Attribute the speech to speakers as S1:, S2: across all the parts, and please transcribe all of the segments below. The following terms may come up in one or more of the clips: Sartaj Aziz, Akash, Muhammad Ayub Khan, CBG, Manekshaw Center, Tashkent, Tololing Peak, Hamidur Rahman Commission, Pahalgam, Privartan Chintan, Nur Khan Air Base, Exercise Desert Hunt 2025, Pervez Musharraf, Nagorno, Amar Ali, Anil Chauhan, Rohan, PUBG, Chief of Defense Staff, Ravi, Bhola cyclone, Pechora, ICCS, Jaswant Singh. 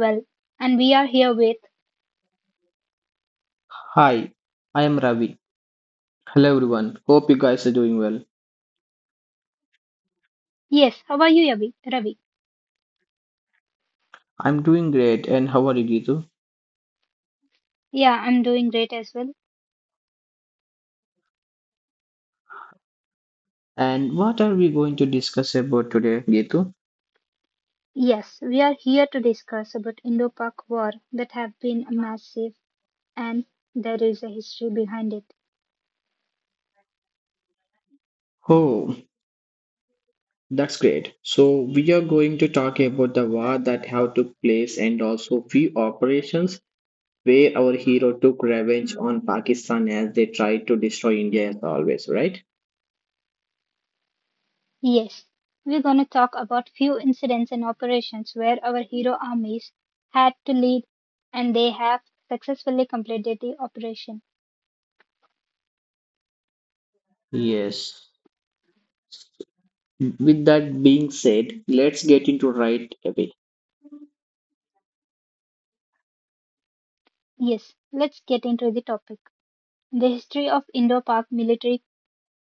S1: well. And we are here with.
S2: Hi, I am Ravi. Hello everyone. Hope you guys are doing well.
S1: Yes, how are you, Yavi? Ravi?
S2: I'm doing great, and how are you, Gitu?
S1: Yeah, I'm doing great as well.
S2: And what are we going to discuss about today, Gitu?
S1: Yes, we are here to discuss about Indo-Pak war that have been massive, and there is a history behind it.
S2: Oh, that's great. So we are going to talk about the war that have took place and also few operations where our hero took revenge on Pakistan as they tried to destroy India as always, right?
S1: Yes, we're going to talk about few incidents and operations where our hero armies had to lead and they have successfully completed the operation.
S2: Yes. With that being said, let's get into right away.
S1: Yes, let's get into the topic. The history of Indo-Pak military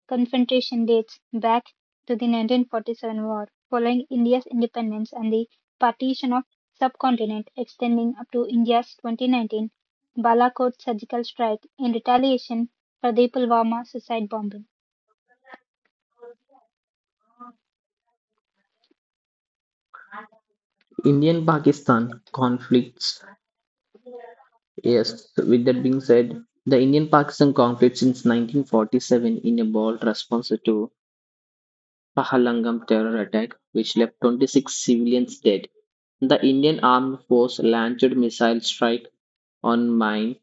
S1: confrontation dates back to the 1947 war, following India's independence and the partition of subcontinent, extending up to India's 2019 Balakot surgical strike in retaliation for the Pulwama suicide bombing.
S2: Indian Pakistan conflicts. Yes, with that being said, the Indian Pakistan conflict since 1947 in a bold response to Pahalgam terror attack, which left 26 civilians dead. The Indian Armed Force launched missile strike on mine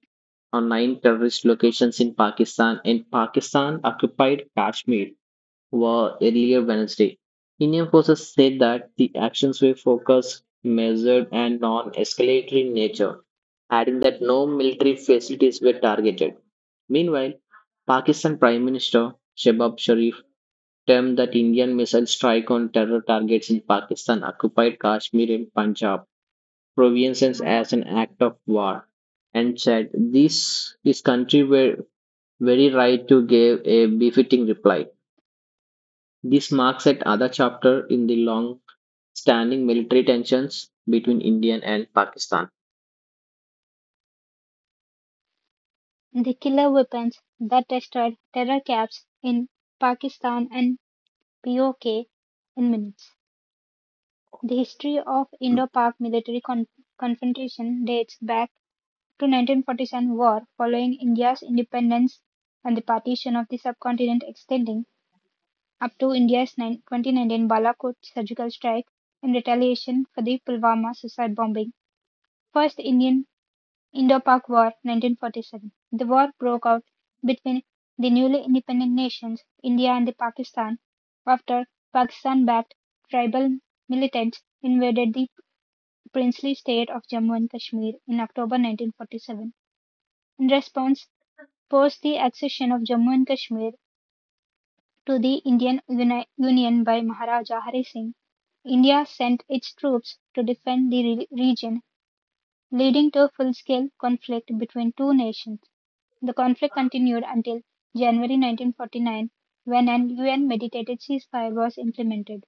S2: on nine terrorist locations in Pakistan, and Pakistan occupied Kashmir were earlier Wednesday. Indian forces said that the actions were focused, measured, and non escalatory in nature, adding that no military facilities were targeted. Meanwhile, Pakistan Prime Minister Shehbaz Sharif termed that Indian missile strike on terror targets in Pakistan occupied Kashmir and Punjab provinces as an act of war and said this his country were very right to give a befitting reply. This marks yet another chapter in the long-standing military tensions between India and Pakistan.
S1: The killer weapons that destroyed terror camps in Pakistan and POK in minutes. The history of Indo-Pak military confrontation dates back to 1947 war, following India's independence and the partition of the subcontinent, extending up to India's 2019 Balakot surgical strike in retaliation for the Pulwama suicide bombing. First Indian Indo-Pak War, 1947. The war broke out between the newly independent nations India and the Pakistan after Pakistan-backed tribal militants invaded the princely state of Jammu and Kashmir in October 1947. In response, post the accession of Jammu and Kashmir to the Indian Union by Maharaja Hari Singh, India sent its troops to defend the region, leading to a full scale conflict between two nations. The conflict continued until January 1949, when an UN mediated ceasefire was implemented,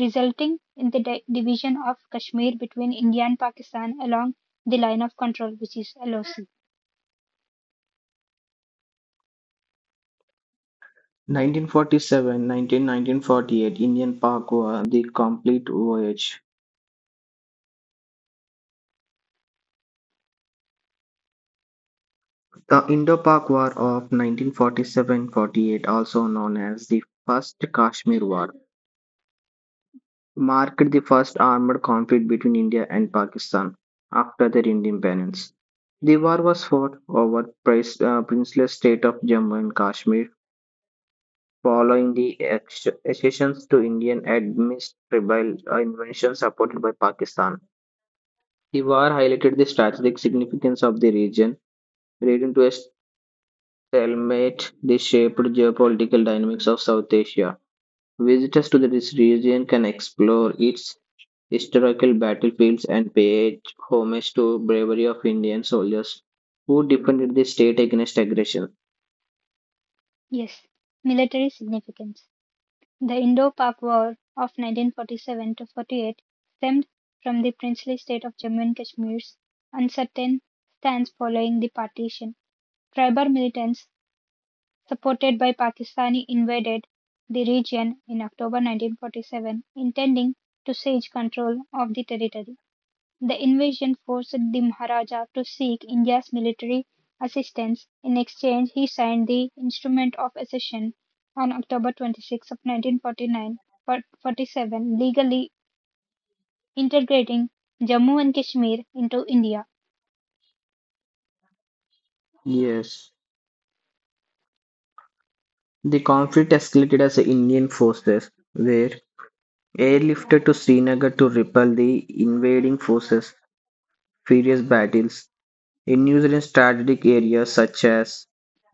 S1: resulting in the division of Kashmir between India and Pakistan along the line of control, which is LOC.
S2: 1947 1948 Indian Pak War. The Complete Voyage. The Indo Pak War of 1947 48, also known as the First Kashmir War, marked the first armed conflict between India and Pakistan after their independence. The war was fought over the princeless state of Jammu and Kashmir following the accessions to Indian administrable invention supported by Pakistan. The war highlighted the strategic significance of the region, leading to a stalemate that shaped geopolitical dynamics of South Asia. Visitors to this region can explore its historical battlefields and pay homage to bravery of Indian soldiers who defended the state against aggression.
S1: Yes, military significance. The Indo-Pak War of 1947 to 48 stemmed from the princely state of Jammu and Kashmir's uncertain stance following the partition. Tribal militants, supported by Pakistani, invaded the region in October 1947, intending to seize control of the territory. The invasion forced the Maharaja to seek India's military assistance; in exchange he signed the Instrument of Accession on October 26 of 1947, legally integrating Jammu and Kashmir into India.
S2: Yes. The conflict escalated as the Indian forces were airlifted to Srinagar to repel the invading forces. Fierce battles ensued in strategic areas such as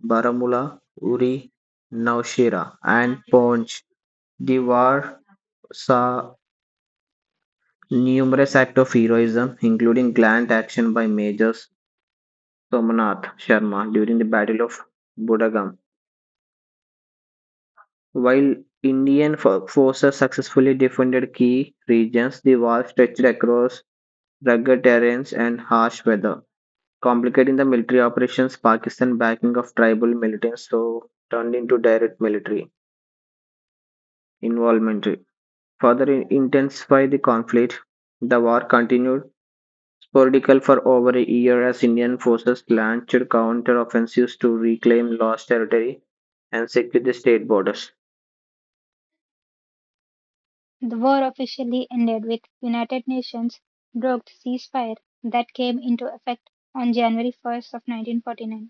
S2: Baramulla, Uri, Nowshera, and Poonch. The war saw numerous acts of heroism, including gallant action by Major Somanath Sharma during the Battle of Budagam. While Indian forces successfully defended key regions, the war stretched across rugged terrains and harsh weather complicating the military operations. Pakistan backing of tribal militants so turned into direct military involvement. Further intensify the conflict. The war continued sporadical for over a year as Indian forces launched counter-offensives to reclaim lost territory and secure the state borders.
S1: The war officially ended with United Nations brokered ceasefire that came into effect on January 1 of 1949.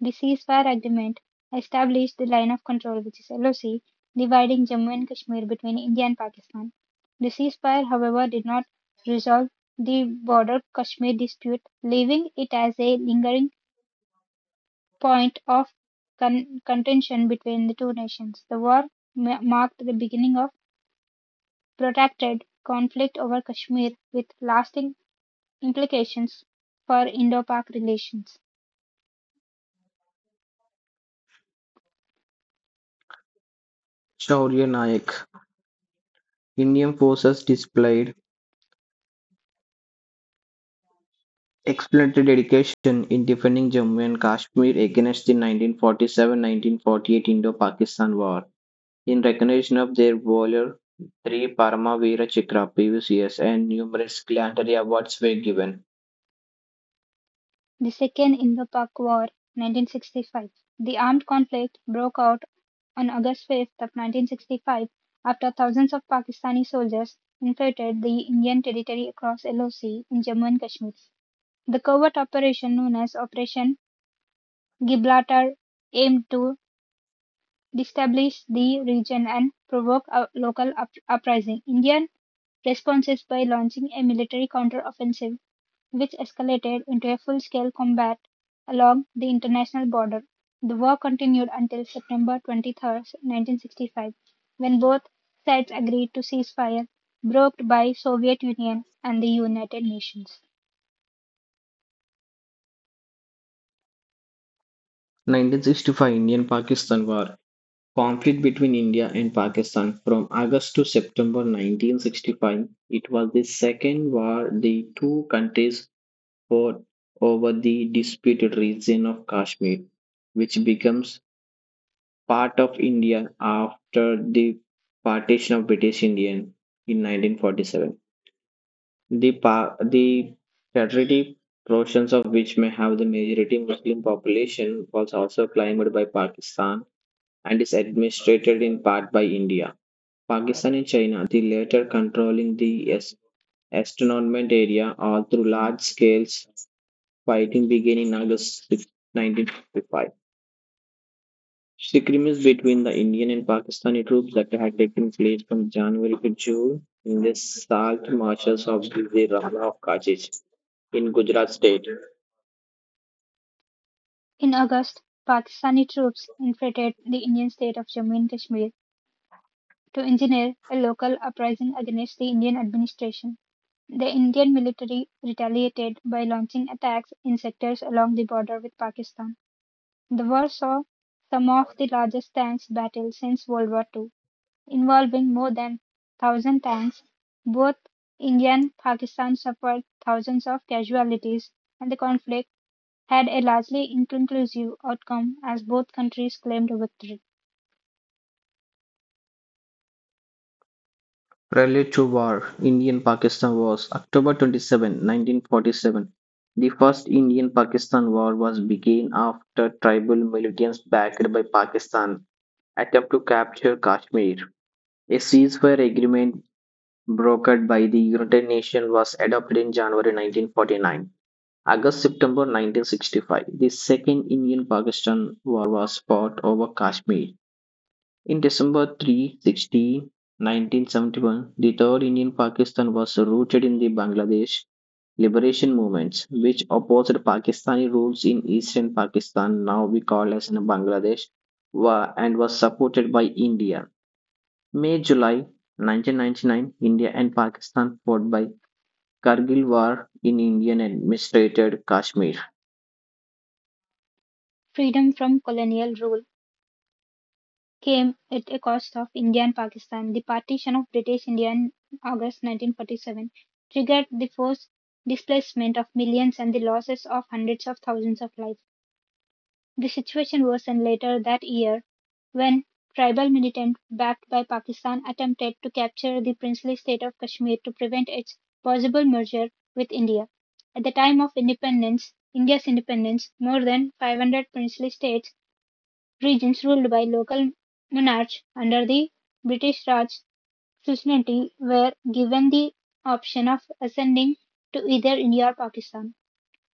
S1: The ceasefire agreement established the line of control, which is LOC, dividing Jammu and Kashmir between India and Pakistan. The ceasefire, however, did not resolve the border Kashmir dispute, leaving it as a lingering point of contention between the two nations. The war marked the beginning of protracted conflict over Kashmir with lasting implications for Indo Pak relations.
S2: Shaurya Nayak. Indian forces displayed exemplary dedication in defending Jammu and Kashmir against the 1947-1948 Indo-Pakistan War. In recognition of their valor, three Parama Veera Chakra PVCS and numerous gallantry awards were given.
S1: The Second Indo-Pak War, 1965. The armed conflict broke out on August 5th of 1965 after thousands of Pakistani soldiers infiltrated the Indian territory across LOC in Jammu and Kashmir. The covert operation known as Operation Gibraltar aimed to destabilize the region and provoke a local uprising. Indian responses by launching a military counter-offensive which escalated into a full scale combat along the international border. The war continued until September 23, 1965, when both sides agreed to ceasefire brokered by Soviet Union and the United Nations.
S2: 1965 Indian Pakistan War. Conflict between India and Pakistan from August to September 1965. It was the second war the two countries fought over the disputed region of Kashmir, which becomes part of India after the partition of British India in 1947. The Patriotic portions of which may have the majority Muslim population was also claimed by Pakistan and is administered in part by India. Pakistan and China, the latter controlling the Estournment area all through large scale fighting began in August 1955. Disagreements between the Indian and Pakistani troops that had taken place from January to June in the salt marshes of the Rana of Kachich in Gujarat state.
S1: In August, Pakistani troops infiltrated the Indian state of Jammu and Kashmir to engineer a local uprising against the Indian administration. The Indian military retaliated by launching attacks in sectors along the border with Pakistan. The war saw some of the largest tanks battles since World War II, involving more than 1,000 tanks. Both India and Pakistan suffered thousands of casualties, and the conflict had a largely inconclusive outcome as both countries claimed a victory.
S2: Prelude to War, Indian-Pakistan Wars, October 27, 1947. The first Indian-Pakistan war was began after tribal militants backed by Pakistan attempt to capture Kashmir. A ceasefire agreement brokered by the United Nations was adopted in January 1949. August-September 1965, the second Indian-Pakistan war was fought over Kashmir. In December 360, 1971, the Third Indian Pakistan was rooted in the Bangladesh liberation movements, which opposed Pakistani rules in eastern Pakistan, now we call as Bangladesh, and was supported by India. May July 1999, India and Pakistan fought by Kargil War in Indian administered Kashmir.
S1: Freedom from colonial rule came at a cost of India and Pakistan. The partition of British India in August 1947 triggered the forced displacement of millions and the losses of hundreds of thousands of lives. The situation worsened later that year when tribal militants backed by Pakistan attempted to capture the princely state of Kashmir to prevent its possible merger with India. At the time of independence, India's independence, more than 500 princely states regions ruled by local monarchs under the British Raj suzerainty were given the option of ascending to either India or Pakistan.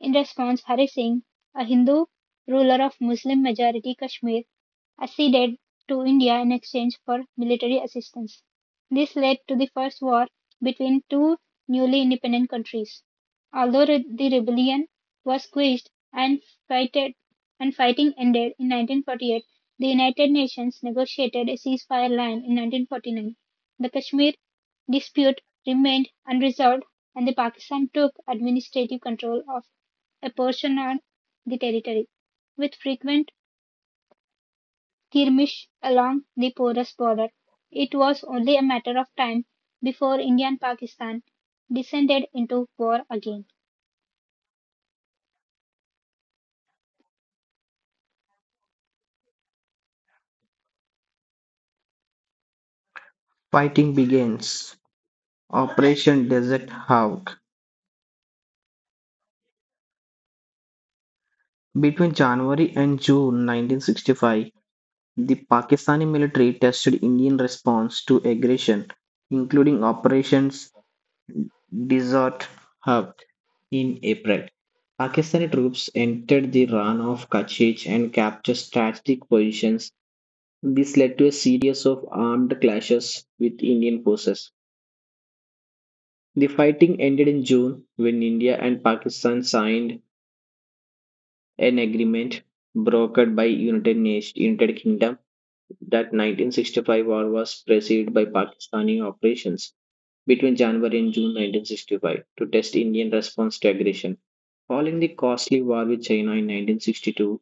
S1: In response, Hare Singh, a Hindu ruler of Muslim majority Kashmir, acceded to India in exchange for military assistance. This led to the first war between two newly independent countries. Although the rebellion was quashed fighted, and fighting ended in 1948, the United Nations negotiated a ceasefire line in 1949. The Kashmir dispute remained unresolved and the Pakistan took administrative control of a portion of the territory, with frequent skirmish along the porous border. It was only a matter of time before India and Pakistan descended into war again.
S2: Fighting begins. Operation Desert Hawk. Between January and June 1965, the Pakistani military tested Indian response to aggression, including Operations Desert Hawk in April. Pakistani troops entered the Ran of Kachich and captured strategic positions. This led to a series of armed clashes with Indian forces. The fighting ended in June when India and Pakistan signed an agreement brokered by United, Nation, United Kingdom that 1965 war was preceded by Pakistani operations between January and June 1965 to test Indian response to aggression. Following the costly war with China in 1962,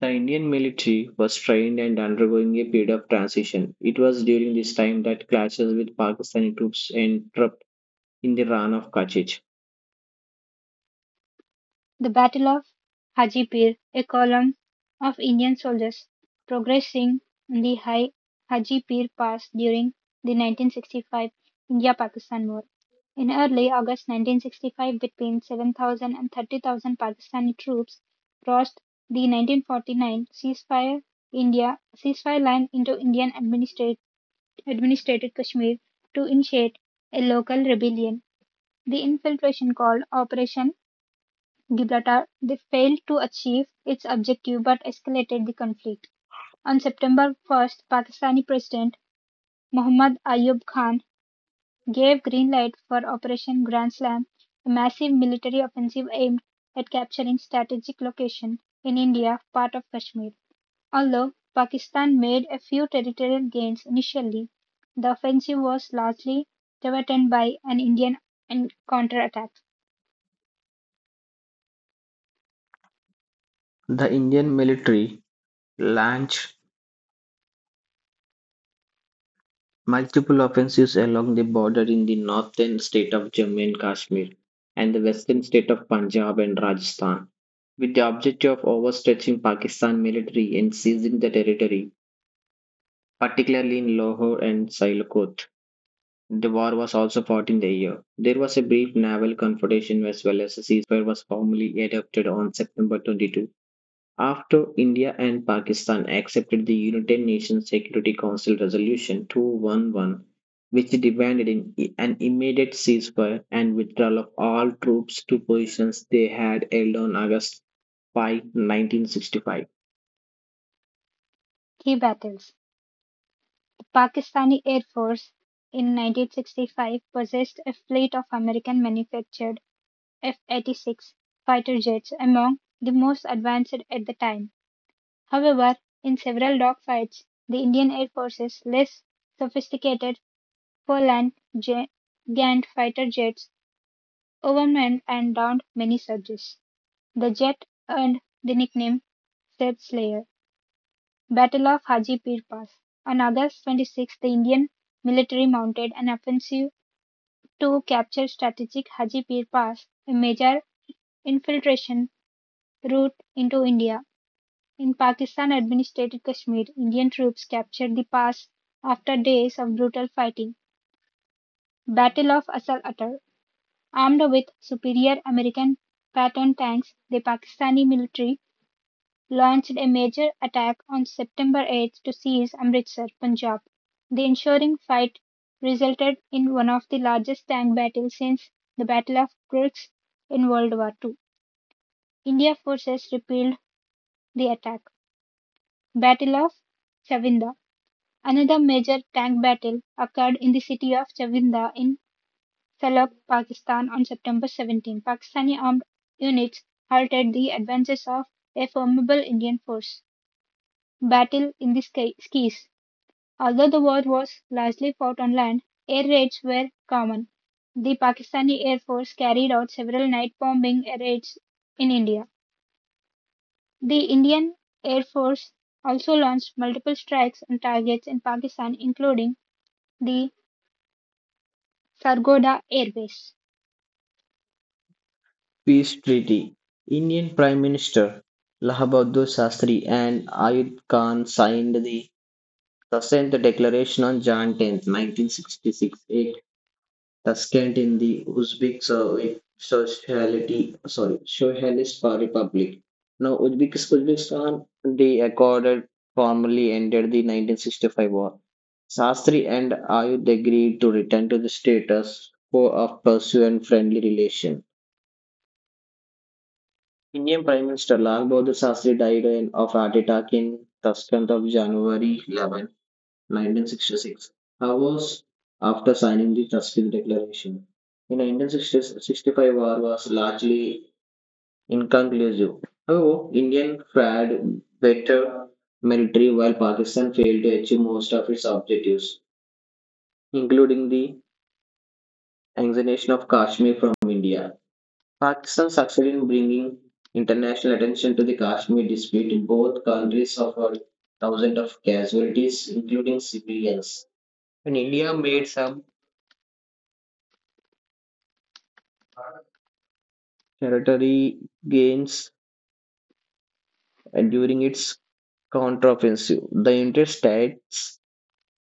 S2: the Indian military was trained and undergoing a period of transition. It was during this time that clashes with Pakistani troops erupted in the Ran of Kachich.
S1: The Battle of Hajipir, a column of Indian soldiers progressing in the high Hajipir Pass during the 1965 India-Pakistan War. In early August 1965, between 7,000 and 30,000 Pakistani troops crossed the 1949 ceasefire India ceasefire line into Indian administrated Kashmir to initiate a local rebellion. The infiltration called Operation Gibraltar, they failed to achieve its objective but escalated the conflict. On September 1st, Pakistani President Muhammad Ayub Khan gave green light for Operation Grand Slam, a massive military offensive aimed at capturing strategic location in India, part of Kashmir. Although Pakistan made a few territorial gains initially, the offensive was largely thwarted by an Indian counterattack.
S2: The Indian military launched multiple offensives along the border in the northern state of Jammu and Kashmir and the western state of Punjab and Rajasthan, with the objective of overstretching Pakistan military and seizing the territory, particularly in Lahore and Sialkot. The war was also fought in the year. There was a brief naval confrontation as well as a ceasefire was formally adopted on September 22, after India and Pakistan accepted the United Nations Security Council Resolution 211, which demanded an immediate ceasefire and withdrawal of all troops to positions they had held on August 5, 1965.
S1: Key battles: the Pakistani Air Force in 1965 possessed a fleet of American-manufactured F-86 fighter jets, among the most advanced at the time. However, in several dogfights, the Indian Air Force's less sophisticated Poland Gant fighter jets overmanned and downed many Surges. The jet earned the nickname "Step Slayer." Battle of Haji Pir Pass. On August 26th, the Indian military mounted an offensive to capture strategic Haji Pir Pass, a major infiltration route into India. In Pakistan administered Kashmir, Indian troops captured the pass after days of brutal fighting. Battle of Asal Atar. Armed with superior American Patton tanks, the Pakistani military launched a major attack on September 8 to seize Amritsar, Punjab. The ensuing fight resulted in one of the largest tank battles since the Battle of Kursk in World War II. India forces repelled the attack. Battle of Chavinda. Another major tank battle occurred in the city of Chavinda in Salak, Pakistan on September 17. Pakistani armed units halted the advances of a formidable Indian force. Battle in the sky. Although the war was largely fought on land, air raids were common. The Pakistani Air Force carried out several night bombing raids in India. The Indian Air Force also launched multiple strikes on targets in Pakistan, including the Sargodha Air Base.
S2: Peace Treaty. Indian Prime Minister Lahabhadur Shastri and Ayub Khan signed the Sasant Declaration on Jan 10, 1966, a Tashkent in the Uzbek so- Sociality, sorry, Socialist Republic. Now, Uzbekistan, the accord had formally ended the 1965 war. Sastri and Ayub agreed to return to the status quo of pursuant friendly relation. Indian Prime Minister Lal Bahadur Shastri died of heart attack in Tashkent of January 11, 1966, hours after signing the Tuskegee Declaration. In 1965, war was largely inconclusive. However, India fared better military while Pakistan failed to achieve most of its objectives, including the annexation of Kashmir from India. Pakistan succeeded in bringing international attention to the Kashmir dispute. Both countries suffered thousands of casualties, including civilians, and India made some territory gains during its counteroffensive. The United States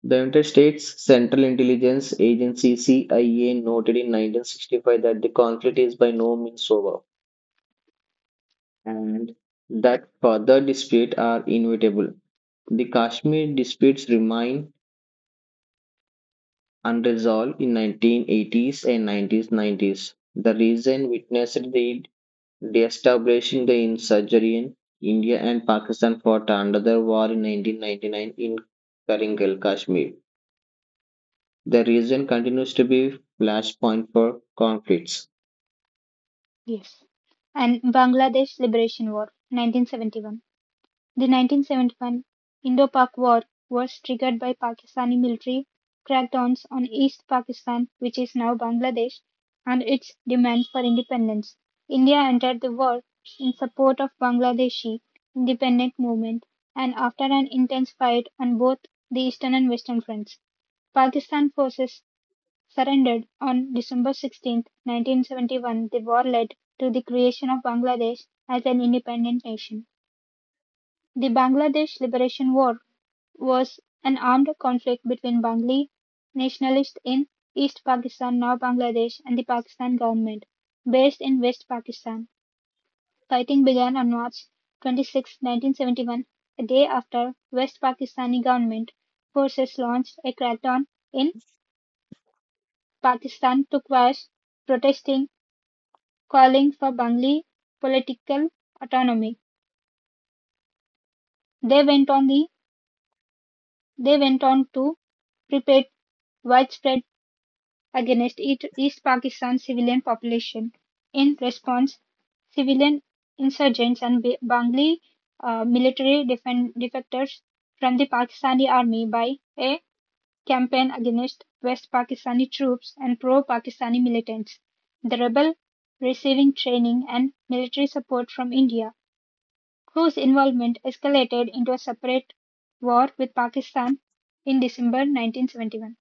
S2: the United States Central Intelligence Agency CIA noted in 1965 that the conflict is by no means over and that further disputes are inevitable. The Kashmir disputes remain unresolved in 1980s and 1990s. The region witnessed the de-establishing the insurgent India and Pakistan fought another war in 1999 in Karingal, Kashmir. The region continues to be flashpoint for conflicts.
S1: Yes. And Bangladesh Liberation War, 1971. The 1971 Indo-Pak War was triggered by Pakistani military crackdowns on East Pakistan, which is now Bangladesh, and its demand for independence. India entered the war in support of Bangladeshi independent movement, and after an intense fight on both the eastern and western fronts, Pakistan forces surrendered on December 16, 1971. The war led to the creation of Bangladesh as an independent nation. The Bangladesh Liberation War was an armed conflict between Bengali nationalists in East Pakistan (now Bangladesh) and the Pakistan government, based in West Pakistan. Fighting began on March 26, 1971, a day after West Pakistani government forces launched a crackdown in Pakistan to quash protesting calling for Bengali political autonomy. They went on the they went on to prepare widespread against East Pakistan civilian population. In response, civilian insurgents and Bengali military defectors from the Pakistani army by a campaign against West Pakistani troops and pro-Pakistani militants. The rebel receiving training and military support from India, whose involvement escalated into a separate war with Pakistan in December 1971.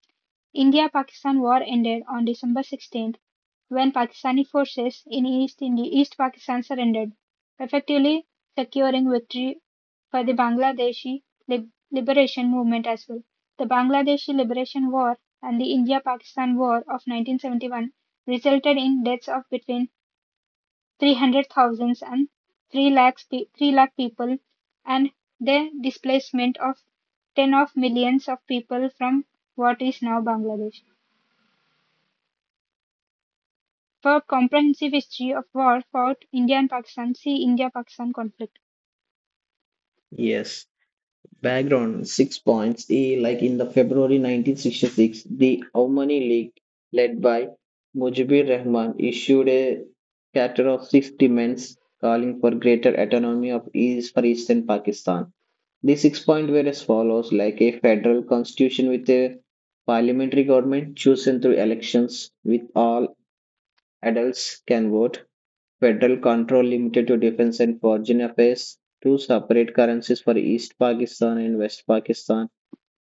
S1: India-Pakistan War ended on December 16, when Pakistani forces in East Pakistan surrendered, effectively securing victory for the Bangladeshi liberation movement as well. The Bangladeshi Liberation War and the India-Pakistan War of 1971 resulted in deaths of between 300,000 and 3 lakh people and the displacement of 10 of millions of people from what is now Bangladesh. For comprehensive history of war fought India and Pakistan, see India-Pakistan conflict.
S2: Yes. Background six points. E, like in the February 1966, the Omani League, led by Mujibur Rahman, issued a charter of six demands calling for greater autonomy of East for Eastern Pakistan. The sixth point were as follows: like a federal constitution with a parliamentary government chosen through elections with all adults can vote, federal control limited to defense and foreign affairs, two separate currencies for East Pakistan and West Pakistan,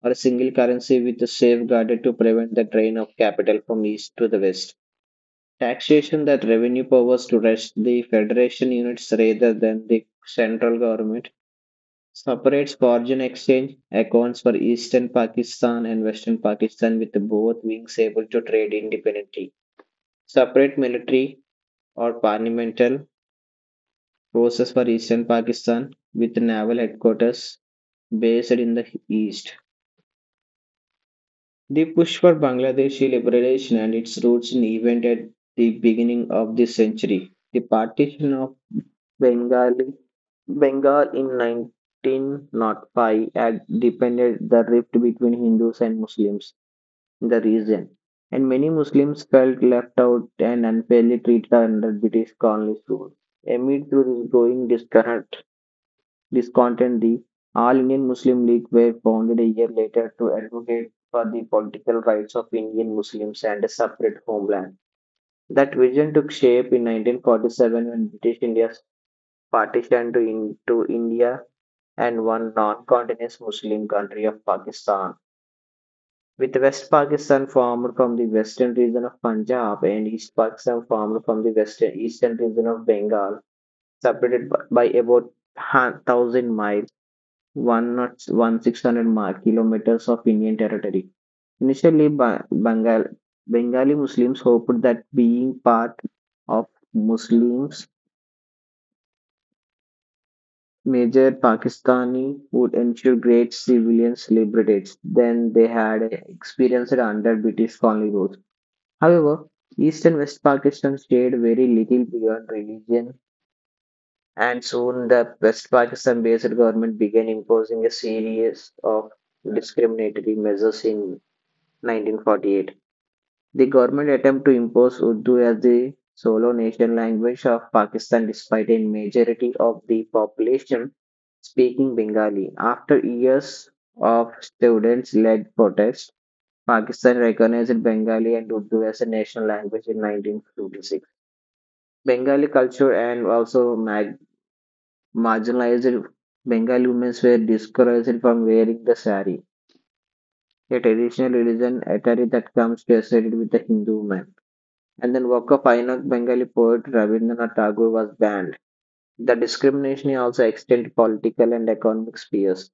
S2: or a single currency with a safeguarded to prevent the drain of capital from east to the west. Taxation that revenue powers to rest the federation units rather than the central government. Separates foreign exchange accounts for Eastern Pakistan and Western Pakistan, with both wings able to trade independently. Separate military or parliamentary forces for Eastern Pakistan, with naval headquarters based in the east. The push for Bangladeshi liberation and its roots in event at the beginning of this century. The partition of Bengali, Bengal in 1905 had deepened the rift between Hindus and Muslims in the region, and many Muslims felt left out and unfairly treated under British colonial rule. Amid this growing discontent, the All Indian Muslim League were founded a year later to advocate for the political rights of Indian Muslims and a separate homeland. That vision took shape in 1947 when British India partitioned to into India and one non-continuous Muslim country of Pakistan. With West Pakistan formed from the western region of Punjab and East Pakistan formed from the western eastern region of Bengal, separated by about 1,000 miles. One not 1,600 mark kilometers of Indian territory. Initially, Bengali Muslims hoped that being part of Muslims major Pakistani would ensure great civilian liberties than they had experienced under British colony rules. However, East and West Pakistan stayed very little beyond religion, and soon the West Pakistan based government began imposing a series of discriminatory measures in 1948. The government attempt to impose Urdu as the sole national language of Pakistan despite a majority of the population speaking Bengali. After years of students-led protests, Pakistan recognized Bengali and Urdu as a national language in 1956. Bengali culture and also marginalized Bengali women were discouraged from wearing the sari, a traditional religion attire that comes to associated with the Hindu man, and then work of Ainak Bengali poet Rabindranath Tagore was banned. The discrimination also extended to political and economic spheres.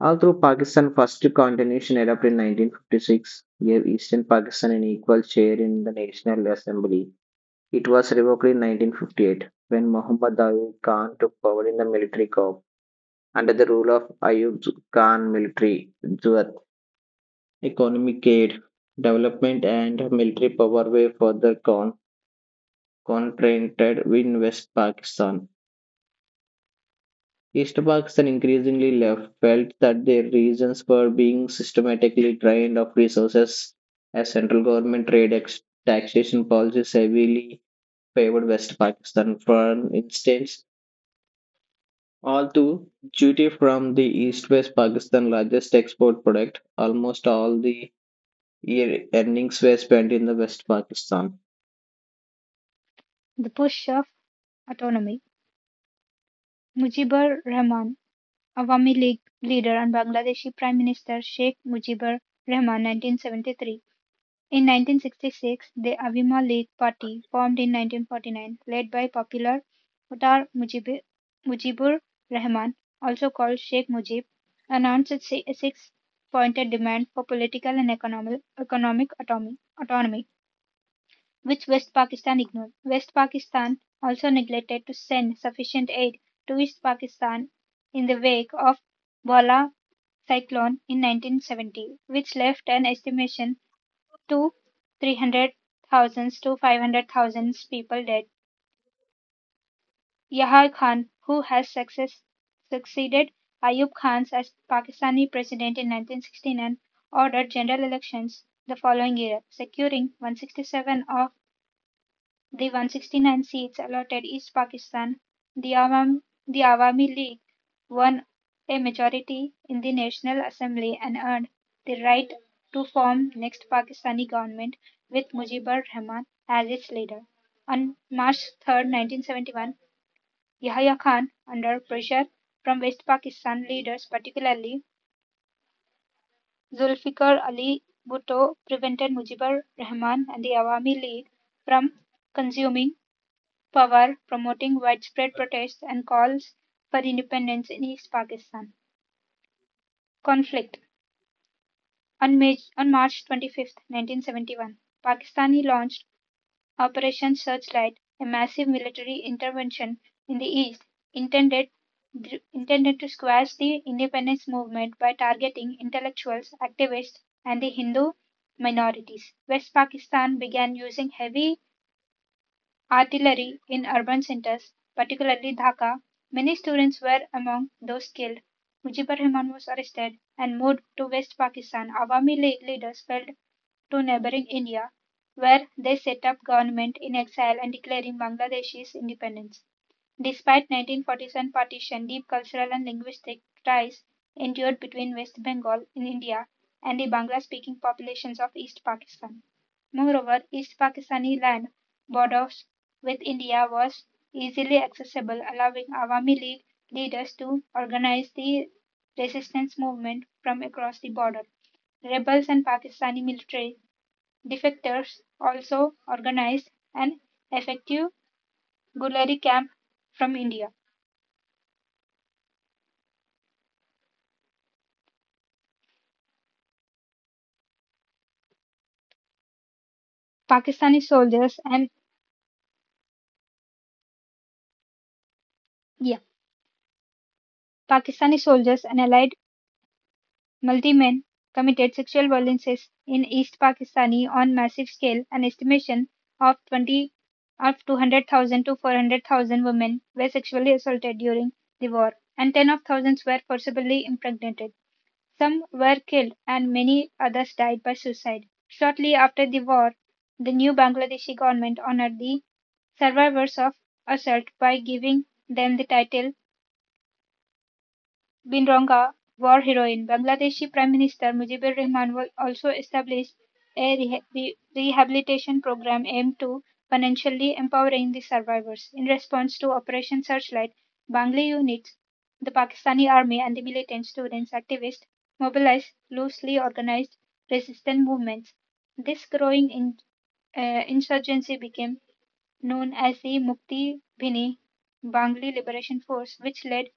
S2: All through Pakistan, first continuation adopted in 1956 gave Eastern Pakistan an equal share in the National Assembly. It was revoked in 1958 when Muhammad Ayub Khan took power in the military coup. Under the rule of Ayub Khan military, Jewat, economic aid, development and military power were further confronted in West Pakistan. East Pakistan increasingly left felt that their regions were being systematically drained of resources as central government trade taxation policies heavily favored West Pakistan. For instance, all the duty from the East West Pakistan largest export product, almost all the year earnings were spent in the West Pakistan.
S1: The push of autonomy. Mujibur Rahman, Awami League leader and Bangladeshi Prime Minister Sheikh Mujibur Rahman, 1973. In 1966, the Awami League Party, formed in 1949, led by popular Uttar Mujibur Rahman, also called Sheikh Mujib, announced its six-pointed demand for political and economic autonomy which West Pakistan ignored. West Pakistan also neglected to send sufficient aid to East Pakistan in the wake of Bhola cyclone in 1970, which left an estimation to 300,000 to 500,000 people dead. Yahya Khan, who succeeded Ayub Khan as Pakistani president in 1969, ordered general elections the following year, securing 167 of the 169 seats allotted East Pakistan, the Awami League won a majority in the National Assembly and earned the right to form next Pakistani government with Mujibur Rahman as its leader. On March 3, nineteen 1971, Yahya Khan, under pressure from West Pakistan leaders, particularly Zulfikar Ali Bhutto, prevented Mujibur Rahman and the Awami League from consuming Power promoting widespread protests and calls for independence in East Pakistan. Conflict on March 25th, 1971, Pakistani launched Operation Searchlight, a massive military intervention in the east intended to squash the independence movement by targeting intellectuals, activists, and the Hindu minorities. West Pakistan began using heavy artillery in urban centres, particularly Dhaka. Many students were among those killed. Mujibur Rahman was arrested and moved to West Pakistan. Awami League leaders fled to neighbouring India, where they set up government in exile and declaring Bangladesh's independence. Despite 1947 partition, deep cultural and linguistic ties endured between West Bengal in India and the Bangla-speaking populations of East Pakistan. Moreover, East Pakistani land borders with India was easily accessible, allowing Awami League leaders to organize the resistance movement from across the border. Rebels and Pakistani military defectors also organized an effective Gulari camp from India. Pakistani soldiers and yeah, Pakistani soldiers and allied militiamen committed sexual violences in East Pakistani on massive scale. An estimation of 20 of 200,000 to 400,000 women were sexually assaulted during the war, and ten of thousands were forcibly impregnated. Some were killed, and many others died by suicide. Shortly after the war, the new Bangladeshi government honored the survivors of assault by giving them the title Binranga war heroine Bangladeshi Prime Minister Mujibur Rahman will also established a rehabilitation program aimed to financially empowering the survivors. In response to Operation Searchlight, Bangli units, the Pakistani army, and the militant students activists mobilized loosely organized resistance movements. This growing insurgency became known as the Mukti Bhini Bangli Liberation Force, which led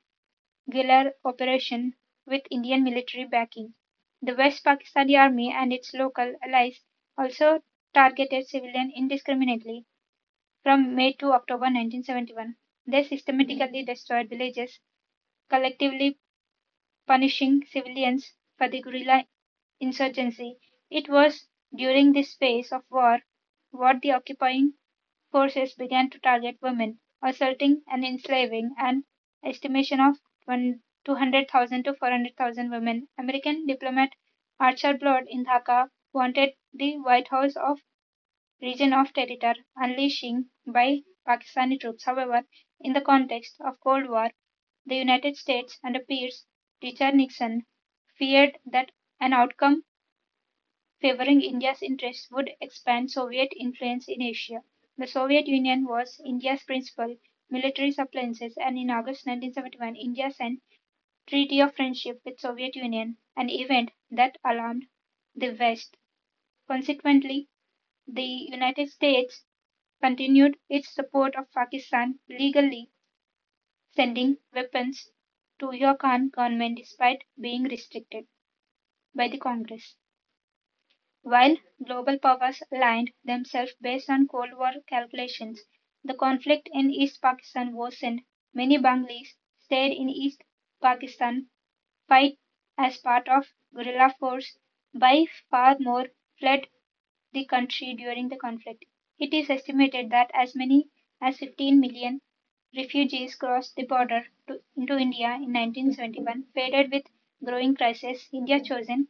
S1: Gilar operation with Indian military backing. The West Pakistani Army and its local allies also targeted civilians indiscriminately from May to October 1971. They systematically destroyed villages, collectively punishing civilians for the guerrilla insurgency. It was during this phase of war what the occupying forces began to target women, assaulting and enslaving an estimation of 200,000 to 400,000 women. American diplomat Archer Blood in Dhaka wanted the White House of region of territory unleashing by Pakistani troops. However, in the context of Cold War, the United States under peers Richard Nixon feared that an outcome favoring India's interests would expand Soviet influence in Asia. The Soviet Union was India's principal military suppliances, and in August 1971 India signed Treaty of Friendship with Soviet Union, an event that alarmed the West. Consequently, the United States continued its support of Pakistan legally sending weapons to Yukon government despite being restricted by the Congress. While global powers aligned themselves based on Cold War calculations, the conflict in East Pakistan worsened. Many Bengalis stayed in East Pakistan, fight as part of guerrilla force. By far more fled the country during the conflict. It is estimated that as many as 15 million refugees crossed the border into India in 1971. Faced with growing crisis, India chosen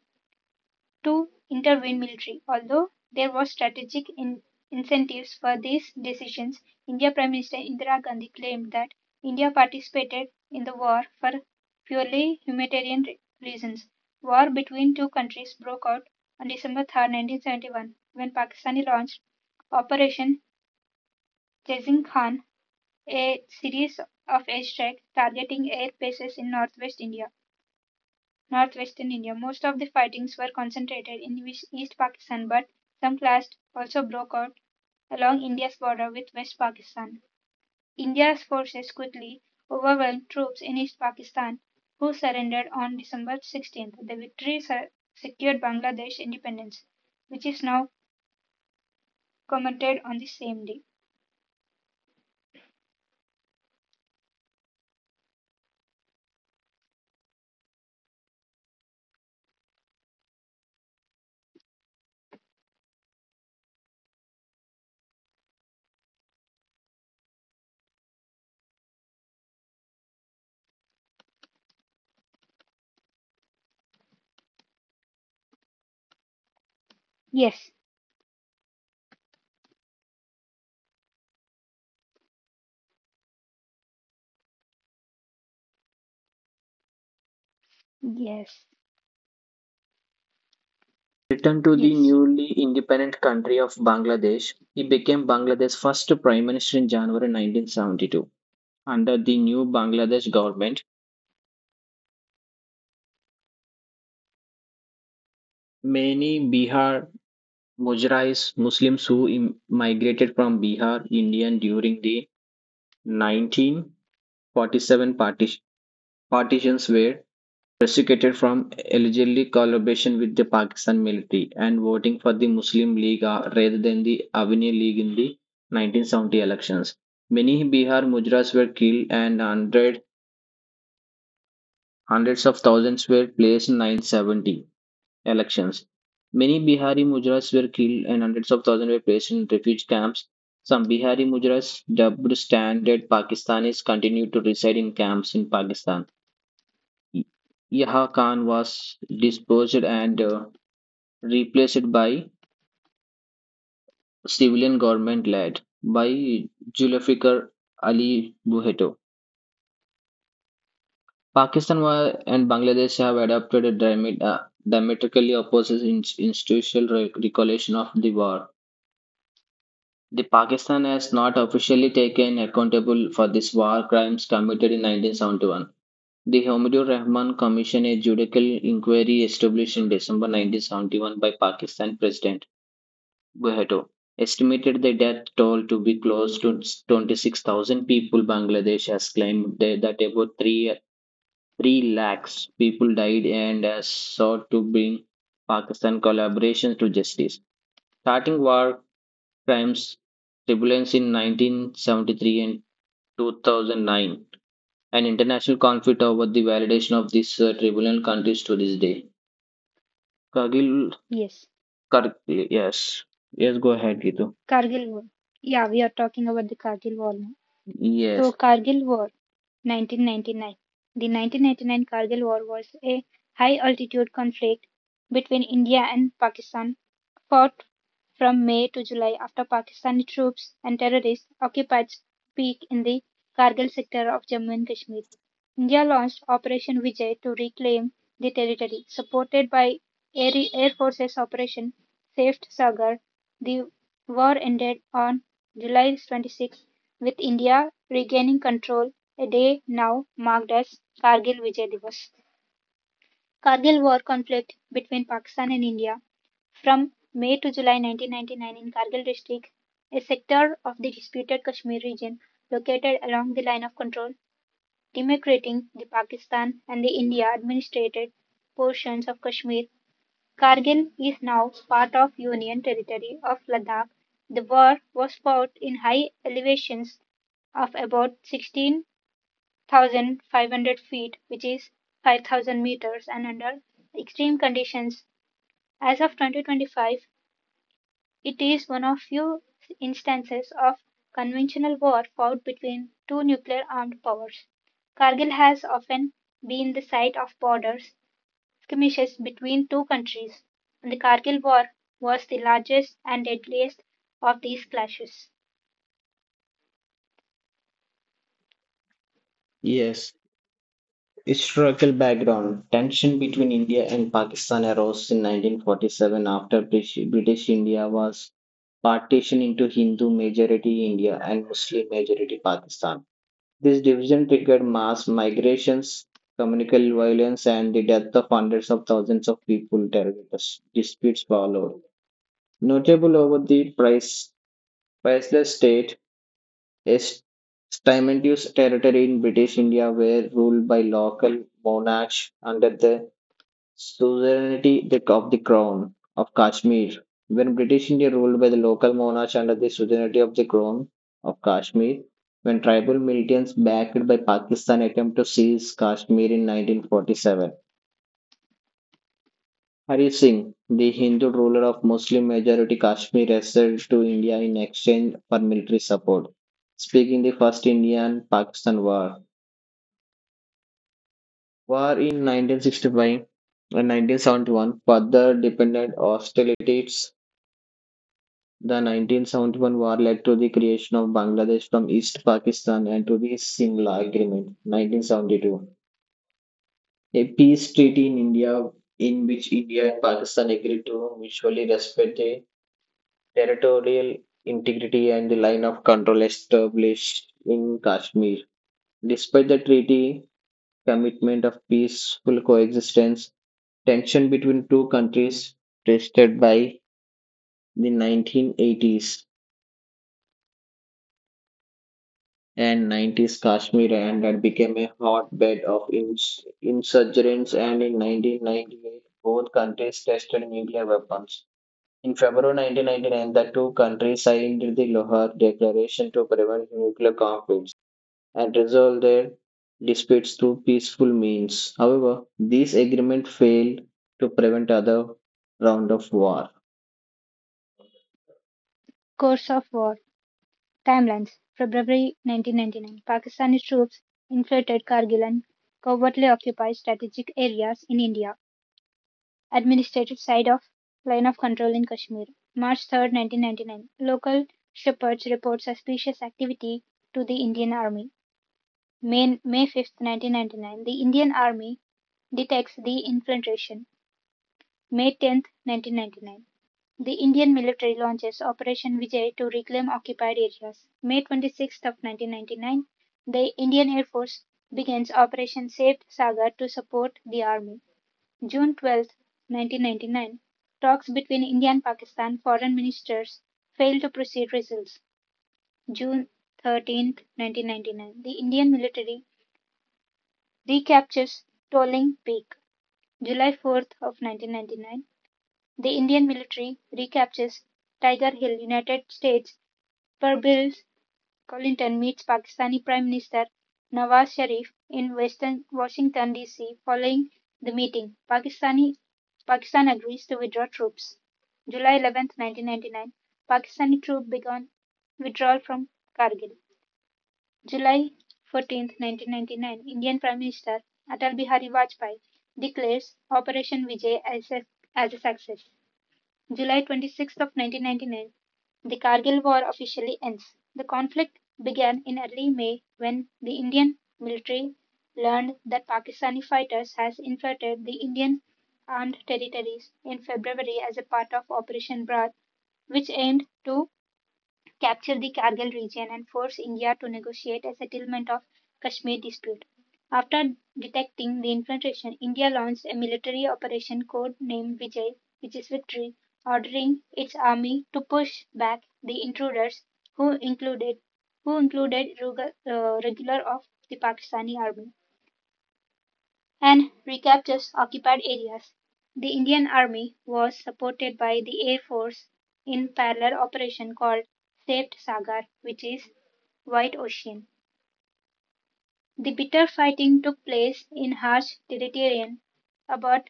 S1: to intervene militarily. Although there was strategic incentives for these decisions, India Prime Minister Indira Gandhi claimed that India participated in the war for purely humanitarian reasons. War between two countries broke out on December 3, 1971, when Pakistan launched Operation Chasing Khan, a series of airstrikes targeting air bases in northwestern India. Most of the fightings were concentrated in East Pakistan, but some clash also broke out along India's border with West Pakistan. India's forces quickly overwhelmed troops in East Pakistan, who surrendered on December 16th. The victory secured Bangladesh independence, which is now commemorated on the same day. Yes, yes,
S2: Returned to the
S1: yes,
S2: newly independent country of Bangladesh, he became Bangladesh's first prime minister in January 1972. Under the new Bangladesh government, many Bihar Mujahids, Muslims who migrated from Bihar, India during the 1947 parti- partitions were prosecuted from allegedly collaboration with the Pakistan military and voting for the Muslim League rather than the Avni League in the 1970 elections. Many Bihar Mujras were killed and hundreds of thousands were placed in 1970 elections. Many Bihari Mujras were killed and hundreds of thousands were placed in refugee camps. Some Bihari Mujras dubbed standard Pakistanis continue to reside in camps in Pakistan. Yahya Khan was disposed and replaced by civilian government led by Zulfikar Ali Bhutto. Pakistan and Bangladesh have adopted a diametrically opposite institutional recollection of the war. The Pakistan has not officially taken accountable for these war crimes committed in 1971. The Hamidur Rahman Commission, a judicial inquiry established in December 1971 by Pakistan President Bhutto estimated the death toll to be close to 26,000 people. Bangladesh has claimed that about 3 lakhs people died and has sought to bring Pakistan collaborations to justice. Starting war crimes tribunals in 1973 and 2009, an international conflict over the validation of this tribunal continues to this day. Kargil,
S1: yes.
S2: Yes, yes, go ahead, Gitu.
S1: Kargil War. Yeah, we are talking about the Kargil War now. So
S2: Yes.
S1: Kargil War, 1999. The 1999 Kargil War was a high-altitude conflict between India and Pakistan, fought from May to July after Pakistani troops and terrorists occupied peak in the Kargil sector of Jammu and Kashmir. India launched Operation Vijay to reclaim the territory, supported by Air Force's Operation Saved Sagar. The war ended on July 26, with India regaining control a day now marked as Kargil Vijay Diwas. Kargil war conflict between Pakistan and India from May to July 1999 in Kargil district, a sector of the disputed Kashmir region located along the line of control demarcating the Pakistan and the India administrated portions of Kashmir. Kargil is now part of Union territory of Ladakh. The war was fought in high elevations of about 16 1,500 feet, which is 5,000 meters, and under extreme conditions. As of 2025, it is one of few instances of conventional war fought between two nuclear armed powers. Kargil has often been the site of borders skirmishes between two countries, and the Kargil War was the largest and deadliest of these clashes.
S2: Yes. Historical background. Tension between India and Pakistan arose in 1947 after British India was partitioned into Hindu majority India and Muslim majority Pakistan. This division triggered mass migrations, communal violence, and the death of hundreds of thousands of people. Territorial disputes followed. Notable over the priceless state, est- Stimentius territory in British India were ruled by local monarchs under the suzerainty of the Crown of Kashmir. When British India ruled by the local monarchs under the suzerainty of the Crown of Kashmir, when tribal militants backed by Pakistan attempt to seize Kashmir in 1947. Hari Singh, the Hindu ruler of Muslim majority Kashmir, wrestled to India in exchange for military support, speaking the first Indian Pakistan war. War in 1965 and 1971 further dependent hostilities. The 1971 war led to the creation of Bangladesh from East Pakistan and to the Simla Agreement, 1972, a peace treaty in India in which India and Pakistan agreed to mutually respect the territorial integrity and the line of control established in Kashmir. Despite the treaty commitment of peaceful coexistence, tension between two countries tested by the 1980s and 90s Kashmir and that became a hotbed of insurgents and in 1998 both countries tested nuclear weapons. In February 1999, the two countries signed the Lahore Declaration to prevent nuclear conflicts and resolve their disputes through peaceful means. However, these agreements failed to prevent other round of war.
S1: Course of war. Timelines. February 1999. Pakistani troops infiltrated Kargil and covertly occupy strategic areas in India. Administrative side of line of control in Kashmir. March 3, 1999. Local shepherds report suspicious activity to the Indian Army. May 5, 1999. The Indian Army detects the infiltration. May 10, 1999. The Indian military launches Operation Vijay to reclaim occupied areas. May 26th of 1999, the Indian Air Force begins Operation Saved Sagar to support the army. June 12th, 1999, talks between India and Pakistan foreign ministers fail to proceed results. June 13th, 1999, the Indian military recaptures Tolling Peak. July 4th of 1999, the Indian military recaptures Tiger Hill, United States where Bill Clinton meets Pakistani Prime Minister Nawaz Sharif in Western Washington D.C. Following the meeting, Pakistan agrees to withdraw troops. July 11, nineteen 1999, Pakistani troops began withdrawal from Kargil. July 14, nineteen 1999, Indian Prime Minister Atal Bihari Vajpayee declares Operation Vijay as a success. July 26th of 1999, the Kargil War officially ends. The conflict began in early May when the Indian military learned that Pakistani fighters had infiltrated the Indian armed territories in February as a part of Operation Brat, which aimed to capture the Kargil region and force India to negotiate a settlement of Kashmir dispute. After detecting the infiltration, India launched a military operation code named Vijay, which is victory, ordering its army to push back the intruders who included who included regular of the Pakistani army and recaptures occupied areas. The Indian Army was supported by the Air Force in parallel operation called Saved Sagar, which is White Ocean. The bitter fighting took place in harsh terrain about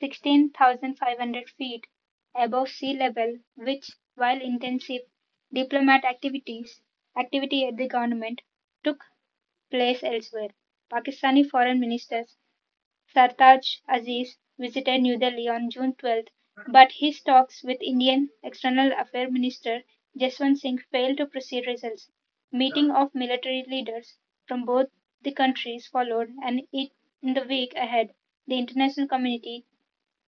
S1: 16,500 feet above sea level, which, while intensive diplomat activities activity at the government took place elsewhere. Pakistani foreign ministers Sartaj Aziz visited New Delhi on June 12, but his talks with Indian External Affairs Minister Jaswant Singh failed to produce results. Meeting of military leaders from both the countries followed, and in the week ahead the international community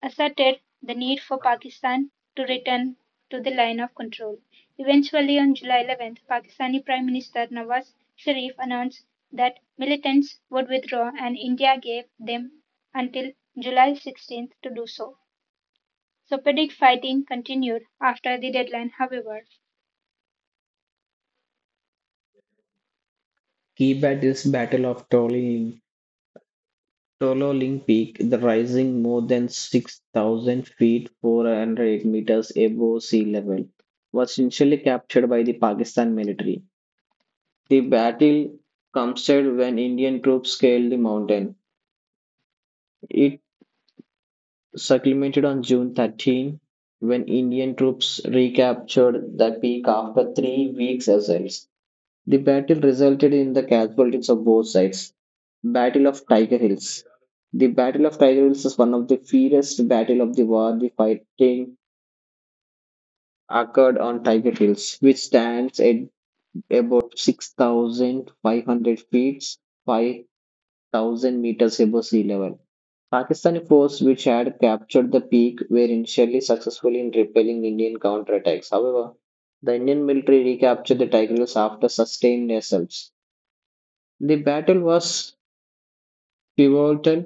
S1: asserted the need for Pakistan to return to the line of control. Eventually, on July 11, Pakistani Prime Minister Nawaz Sharif announced that militants would withdraw, and India gave them until July 16 to do so. Sporadic fighting continued after the deadline, however.
S2: Key Tibet is Battle of Tolin Tololing Peak, the rising more than 6,000 feet 408 meters above sea level, was initially captured by the Pakistan military. The battle commenced when Indian troops scaled the mountain. It circumvented on June 13 when Indian troops recaptured the peak after 3 weeks' assault. The battle resulted in the casualties of both sides. Battle of Tiger Hills. The Battle of Tiger Hills is one of the fiercest battle of the war. The fighting occurred on Tiger Hills, which stands at about 6,500 feet, 5,000 meters above sea level. Pakistani forces, which had captured the peak, were initially successful in repelling Indian counterattacks. However, the Indian military recaptured the Tiger Hills after sustained assaults. The battle was pivotal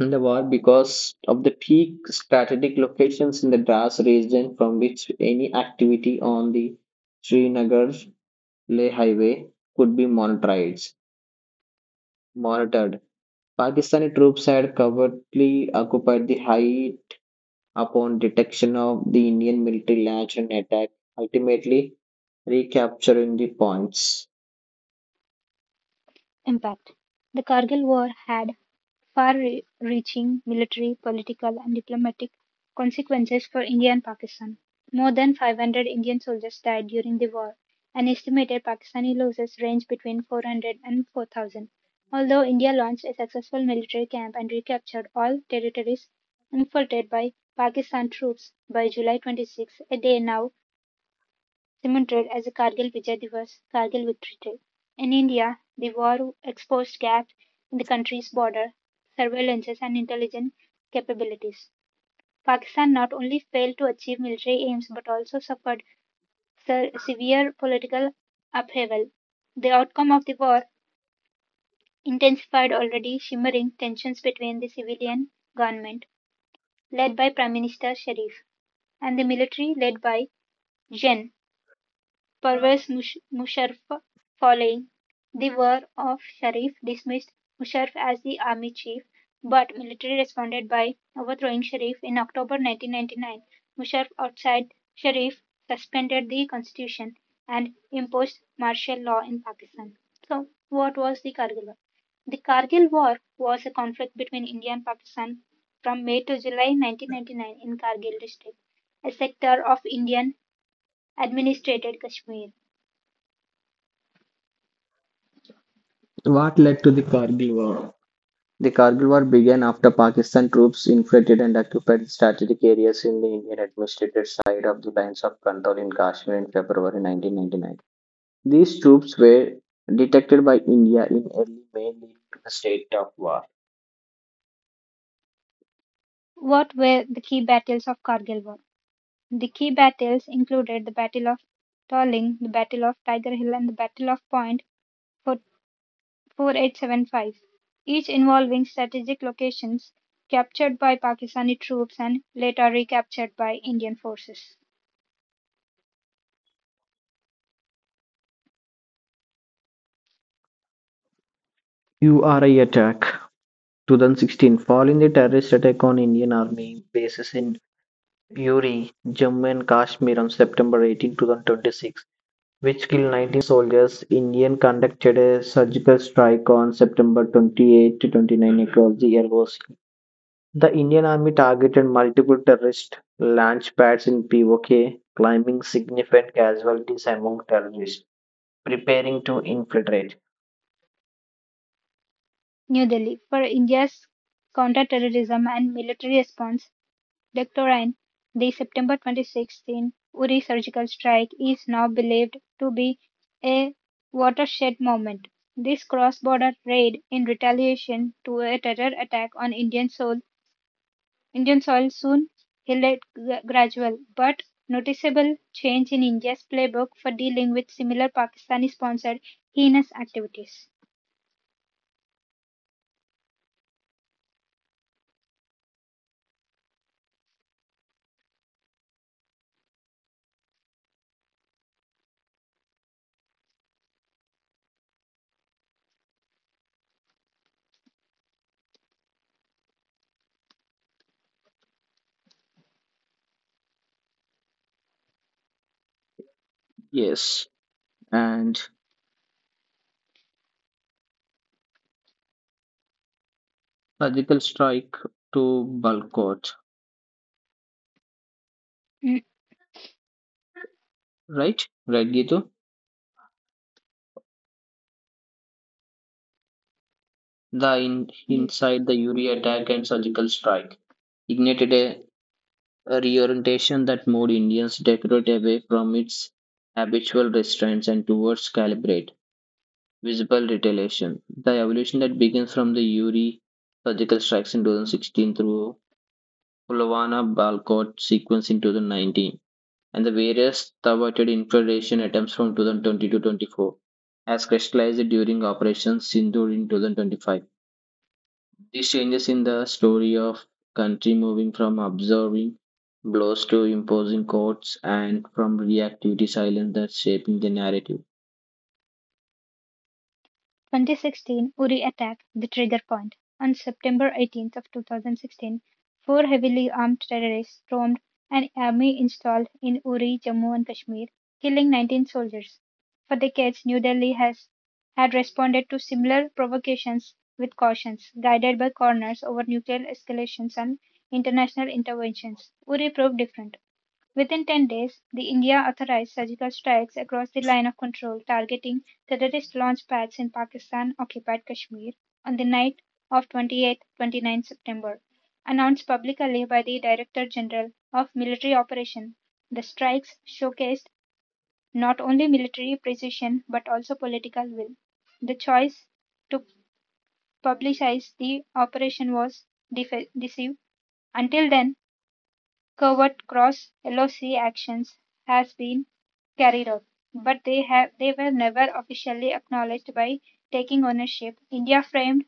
S2: in the war because of the peak strategic locations in the Dras region from which any activity on the Srinagar Leh highway could be monitored. Pakistani troops had covertly occupied the height upon detection of the Indian military launch and attack, ultimately recapturing the points.
S1: Impact. The Kargil War had far reaching military, political, and diplomatic consequences for India and Pakistan. More than 500 Indian soldiers died during the war, and estimated Pakistani losses range between 400 and 4,000. Although India launched a successful military camp and recaptured all territories infiltrated by Pakistan troops by July 26, a day now cemented as a Kargil Vijay Diwas Kargil Victory Day. In India, the war exposed gaps in the country's border surveillances and intelligence capabilities. Pakistan not only failed to achieve military aims but also suffered severe political upheaval. The outcome of the war intensified already shimmering tensions between the civilian government, led by Prime Minister Sharif, and the military, led by Gen. Pervez Musharraf following the War of Sharif dismissed Musharraf as the army chief, but military responded by overthrowing Sharif in October 1999. Musharraf outside Sharif suspended the constitution and imposed martial law in Pakistan. So, what was the Kargil War? The Kargil War was a conflict between India and Pakistan from May to July 1999 in Kargil district, a sector of Indian administrated Kashmir.
S2: What led to the Kargil War? The Kargil War began after Pakistan troops infiltrated and occupied strategic areas in the Indian administrated side of the lines of control in Kashmir in February 1999. These troops were detected by India in early May, leading to the state of war.
S1: What were the key battles of Kargil War? The key battles included the Battle of Tolling, the Battle of Tiger Hill, and the Battle of Point 4875, each involving strategic locations captured by Pakistani troops and later recaptured by Indian forces.
S2: URI attack 2016. Following the terrorist attack on Indian Army bases in Puri, Jammu and Kashmir on September 18, 2026, which killed 19 soldiers, India conducted a surgical strike on September 28 to 29 across the airwaves. The Indian Army targeted multiple terrorist launch pads in POK, claiming significant casualties among terrorists preparing to infiltrate.
S1: New Delhi. For India's counter-terrorism and military response, Dectoran, the September 2016 Uri surgical strike is now believed to be a watershed moment. This cross-border raid in retaliation to a terror attack on Indian soil soon yielded gradual but noticeable change in India's playbook for dealing with similar Pakistani-sponsored heinous activities.
S2: Yes, and surgical strike to Balkot, right? Right, Gitu? The in,
S1: Yes.
S2: inside the Uri attack and surgical strike ignited a reorientation that more Indians decorate away from its habitual restraints and towards calibrate, visible retaliation. The evolution that begins from the Uri surgical strikes in 2016 through Pulavana Balcott sequence in 2019 and the various thwarted infiltration attempts from 2020 to 24 has crystallized during Operation Sindoor in 2025. These changes in the story of country moving from absorbing blows to imposing courts and from reactivity silence that shaping the narrative.
S1: 2016 Uri attack, the trigger point. On September 18th of 2016, four heavily armed terrorists stormed an army installed in Uri, Jammu and Kashmir, killing 19 soldiers. For decades, New Delhi has had responded to similar provocations with cautions, guided by corners over nuclear escalations and international interventions. Uri proved different. Within 10 days, the India authorized surgical strikes across the line of control targeting terrorist launch pads in Pakistan-occupied Kashmir on the night of 28-29 September. Announced publicly by the Director General of Military Operations, the strikes showcased not only military precision but also political will. The choice to publicize the operation was decisive. Until then, covert cross-LoC actions has been carried out, but they were never officially acknowledged by taking ownership.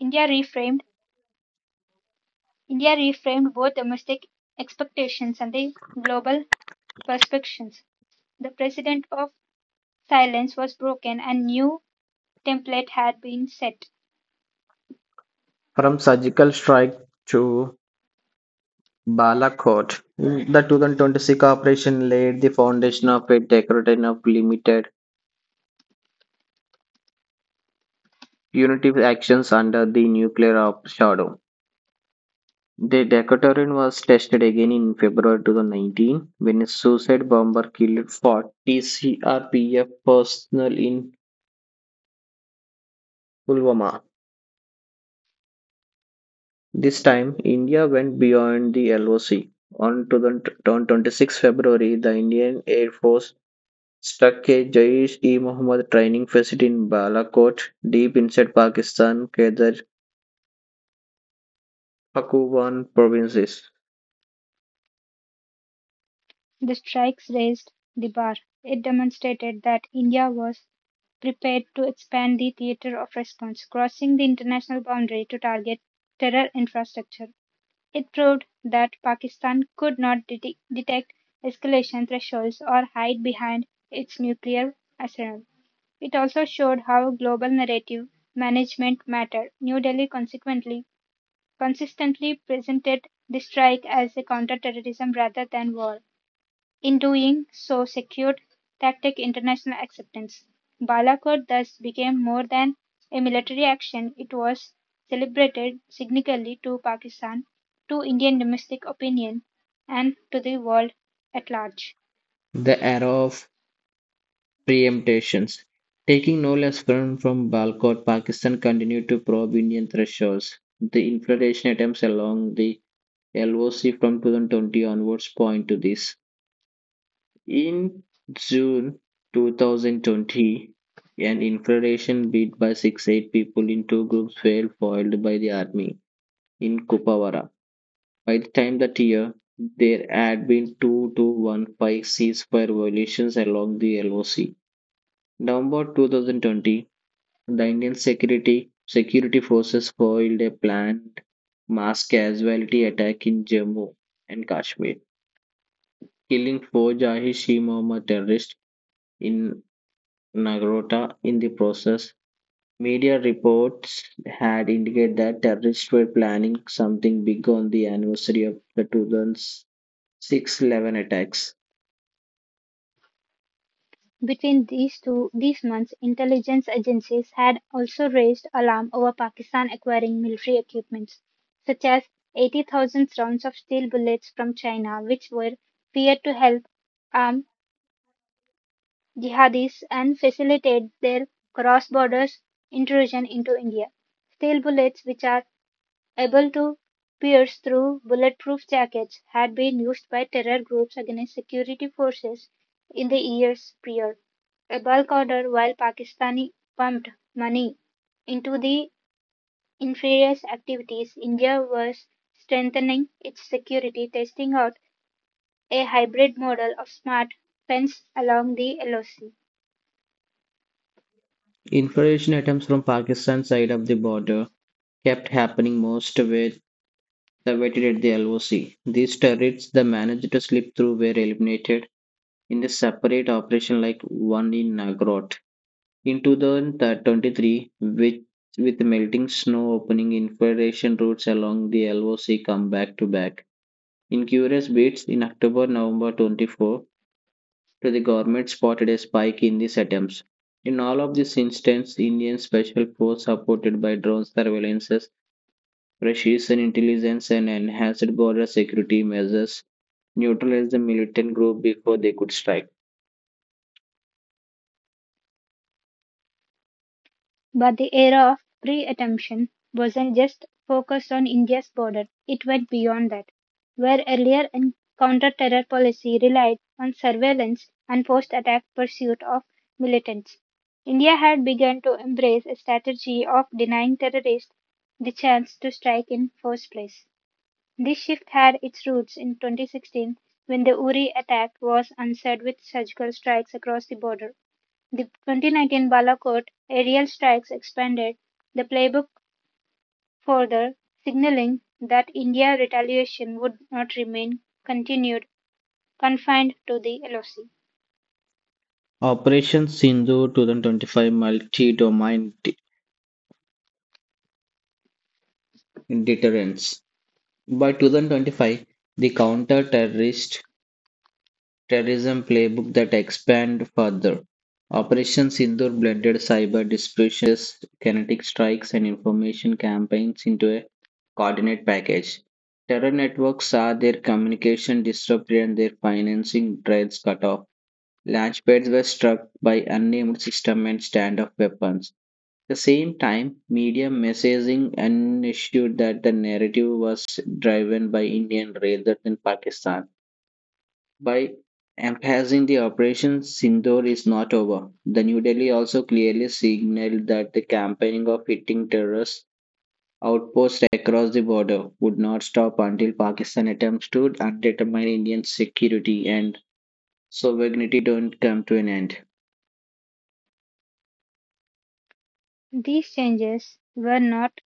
S1: India reframed India reframed both domestic expectations and the global perspectives. The precedent of silence was broken and new template had been set.
S2: From surgical strike to Balakot, the 2026 operation laid the foundation of a decade of limited punitive actions under the nuclear shadow. The Decathlon was tested again in February 2019 when a suicide bomber killed 40 CRPF personnel in Pulwama. This time, India went beyond the LOC. On 26 February, the Indian Air Force struck a Jaish-e-Mohammed training facility in Balakot, deep inside Pakistan, Khyber Pakhtunkhwa provinces.
S1: The strikes raised the bar; it demonstrated that India was prepared to expand the theatre of response, crossing the international boundary to target terror infrastructure. It proved that Pakistan could not detect escalation thresholds or hide behind its nuclear arsenal. It also showed how global narrative management mattered. New Delhi consequently consistently presented the strike as a counter-terrorism rather than war. In doing so secured tacit international acceptance. Balakot thus became more than a military action, it was celebrated significantly to Pakistan, to Indian domestic opinion, and to the world at large.
S2: The era of preemptions, taking no less firm from Balakot, Pakistan continued to probe Indian thresholds. The infiltration attempts along the LOC from 2020 onwards point to this. In June 2020, an infiltration bid by 6-8 people in two groups were foiled by the army in Kupawara. By the time that year, there had been two to one five ceasefire violations along the LOC. November 2020, the Indian security forces foiled a planned mass casualty attack in Jammu and Kashmir, killing four Jaish e Mohammed terrorists in Nagorno in the process. Media reports had indicated that terrorists were planning something big on the anniversary of the 2006-11 attacks.
S1: Between these months, intelligence agencies had also raised alarm over Pakistan acquiring military equipment, such as 80,000 rounds of steel bullets from China, which were feared to help arm jihadis and facilitate their cross-border intrusion into India. Steel bullets, which are able to pierce through bulletproof jackets, had been used by terror groups against security forces in the years prior. A bulk order while Pakistani pumped money into the inferior's activities, India was strengthening its security, testing out a hybrid model of smart fence along the LOC.
S2: Infiltration attempts from Pakistan side of the border kept happening most with the waited at the LOC. These terrorists that managed to slip through were eliminated in a separate operation like one in Nagorno. In 2023, with melting snow opening infiltration routes along the LOC come back to back. In curious bits, in October November 24, to the government spotted a spike in these attempts. In all of these instances, Indian Special Force supported by drone surveillances, precision intelligence, and enhanced border security measures neutralized the militant group before they could strike.
S1: But the era of pre-attention wasn't just focused on India's border, it went beyond that. Where earlier and counter-terror policy relied on surveillance and post-attack pursuit of militants, India had begun to embrace a strategy of denying terrorists the chance to strike in the first place. This shift had its roots in 2016 when the Uri attack was answered with surgical strikes across the border. The 2019 Balakot aerial strikes expanded the playbook further, signalling that India's retaliation would not remain continued confined to the LOC.
S2: Operation Sindhu 2025, Multi Domain Deterrence. By 2025, the counter-terrorist terrorism playbook that expanded further. Operation Sindoor blended cyber dispersion, precise kinetic strikes, and information campaigns into a coordinate package. Terror networks saw their communication disrupted and their financing trails cut off. Launchpads were struck by unnamed systems and standoff weapons the same time, media messaging ensured that the narrative was driven by Indian rather than Pakistan. By emphasizing the Operation Sindoor is not over, the New Delhi also clearly signaled that the campaigning of hitting terrorist outposts across the border would not stop until Pakistan attempts to undermine Indian security and sovereignty don't come to an end.
S1: These changes were not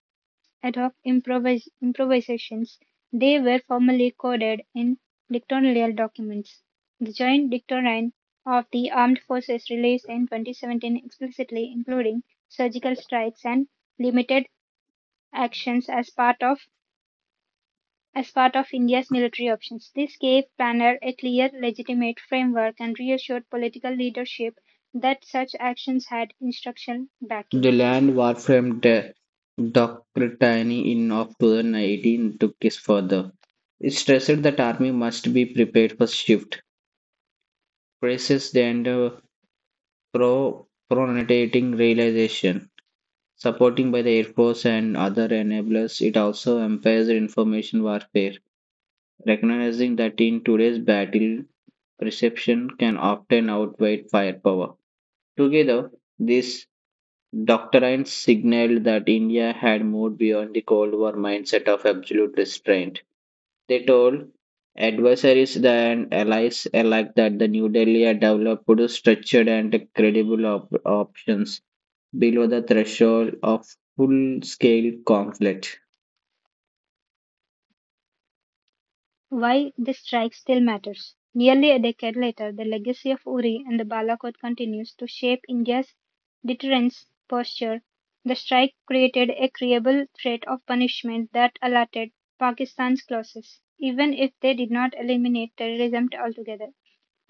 S1: ad hoc improvisations. They were formally coded in dictatorial documents. The Joint Dictatorine of the Armed Forces released in 2017 explicitly including surgical strikes and limited actions as part of India's military options. This gave Panner a clear, legitimate framework and reassured political leadership that such actions had instructional
S2: The
S1: backing.
S2: land war from the Doctrine in October 19 took this further. It stressed that army must be prepared for shift, praises and pronating realization, supporting by the Air Force and other enablers. It also empowers information warfare, recognizing that in today's battle, perception can often outweigh firepower. Together, these Dr. Ayn signaled that India had moved beyond the Cold War mindset of absolute restraint. They told adversaries and allies alike that the New Delhi had developed structured and credible options below the threshold of full scale conflict.
S1: Why the strike still matters. Nearly a decade later, the legacy of Uri and the Balakot continues to shape India's deterrence posture. The strike created a credible threat of punishment that alerted Pakistan's closest, even if they did not eliminate terrorism altogether.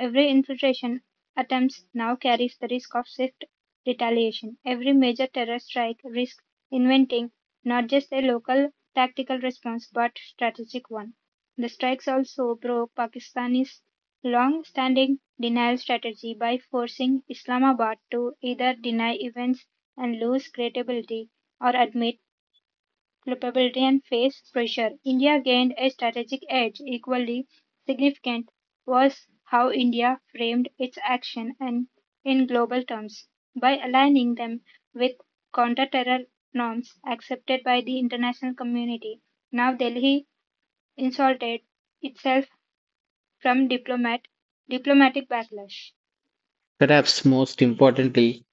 S1: Every infiltration attempt now carries the risk of swift retaliation. Every major terror strike risks inventing not just a local tactical response but strategic one. The strikes also broke Pakistan's long-standing denial strategy by forcing Islamabad to either deny events and lose credibility or admit Republicans faced pressure. India gained a strategic edge. Equally significant was how India framed its action and in global terms. By aligning them with counter-terror norms accepted by the international community, now Delhi insulated itself from diplomatic backlash.
S2: Perhaps most importantly,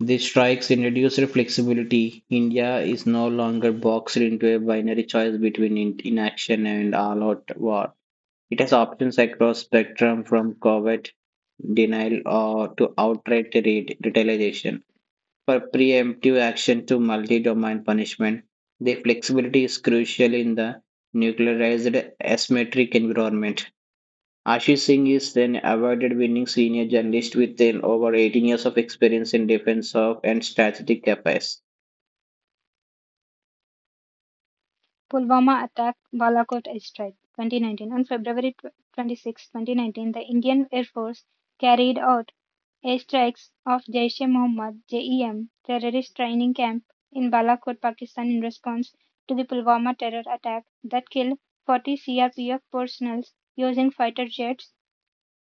S2: the strikes introduced flexibility. India is no longer boxed into a binary choice between inaction and all out war. It has options across spectrum from covert denial or to outright retaliation. For preemptive action to multi-domain punishment, the flexibility is crucial in the nuclearized asymmetric environment. Ashish Singh is an awarded winning senior journalist with an over 18 years of experience in defense of and strategic affairs.
S1: Pulwama attack, Balakot airstrike, 2019. On February 26, 2019, the Indian Air Force carried out airstrikes of Jaish-e-Mohammed (JEM) terrorist training camp in Balakot, Pakistan, in response to the Pulwama terror attack that killed 40 CRPF personnel using fighter jets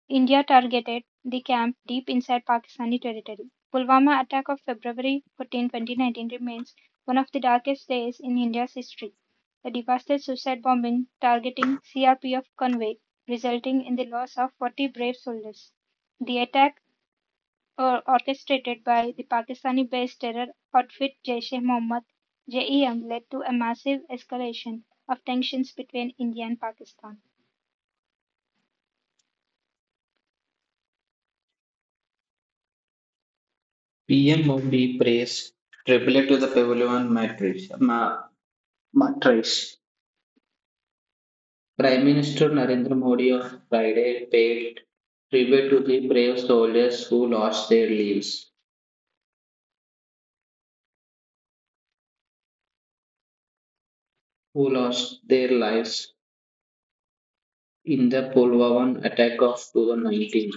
S1: India targeted the camp deep inside Pakistani territory. Pulwama attack of February 14, 2019 remains one of the darkest days in India's history. The devastating suicide bombing targeting CRPF convoy resulting in the loss of 40 brave soldiers. The attack orchestrated by the Pakistani-based terror outfit Jaish-e-Mohammed (JEM) led to a massive escalation of tensions between India and Pakistan.
S2: PM of the praise, triplet to the Pavlovian matrix. Prime Minister Narendra Modi of Friday paid tribute to the brave soldiers who lost their lives in the Pulwaman attack of 2019,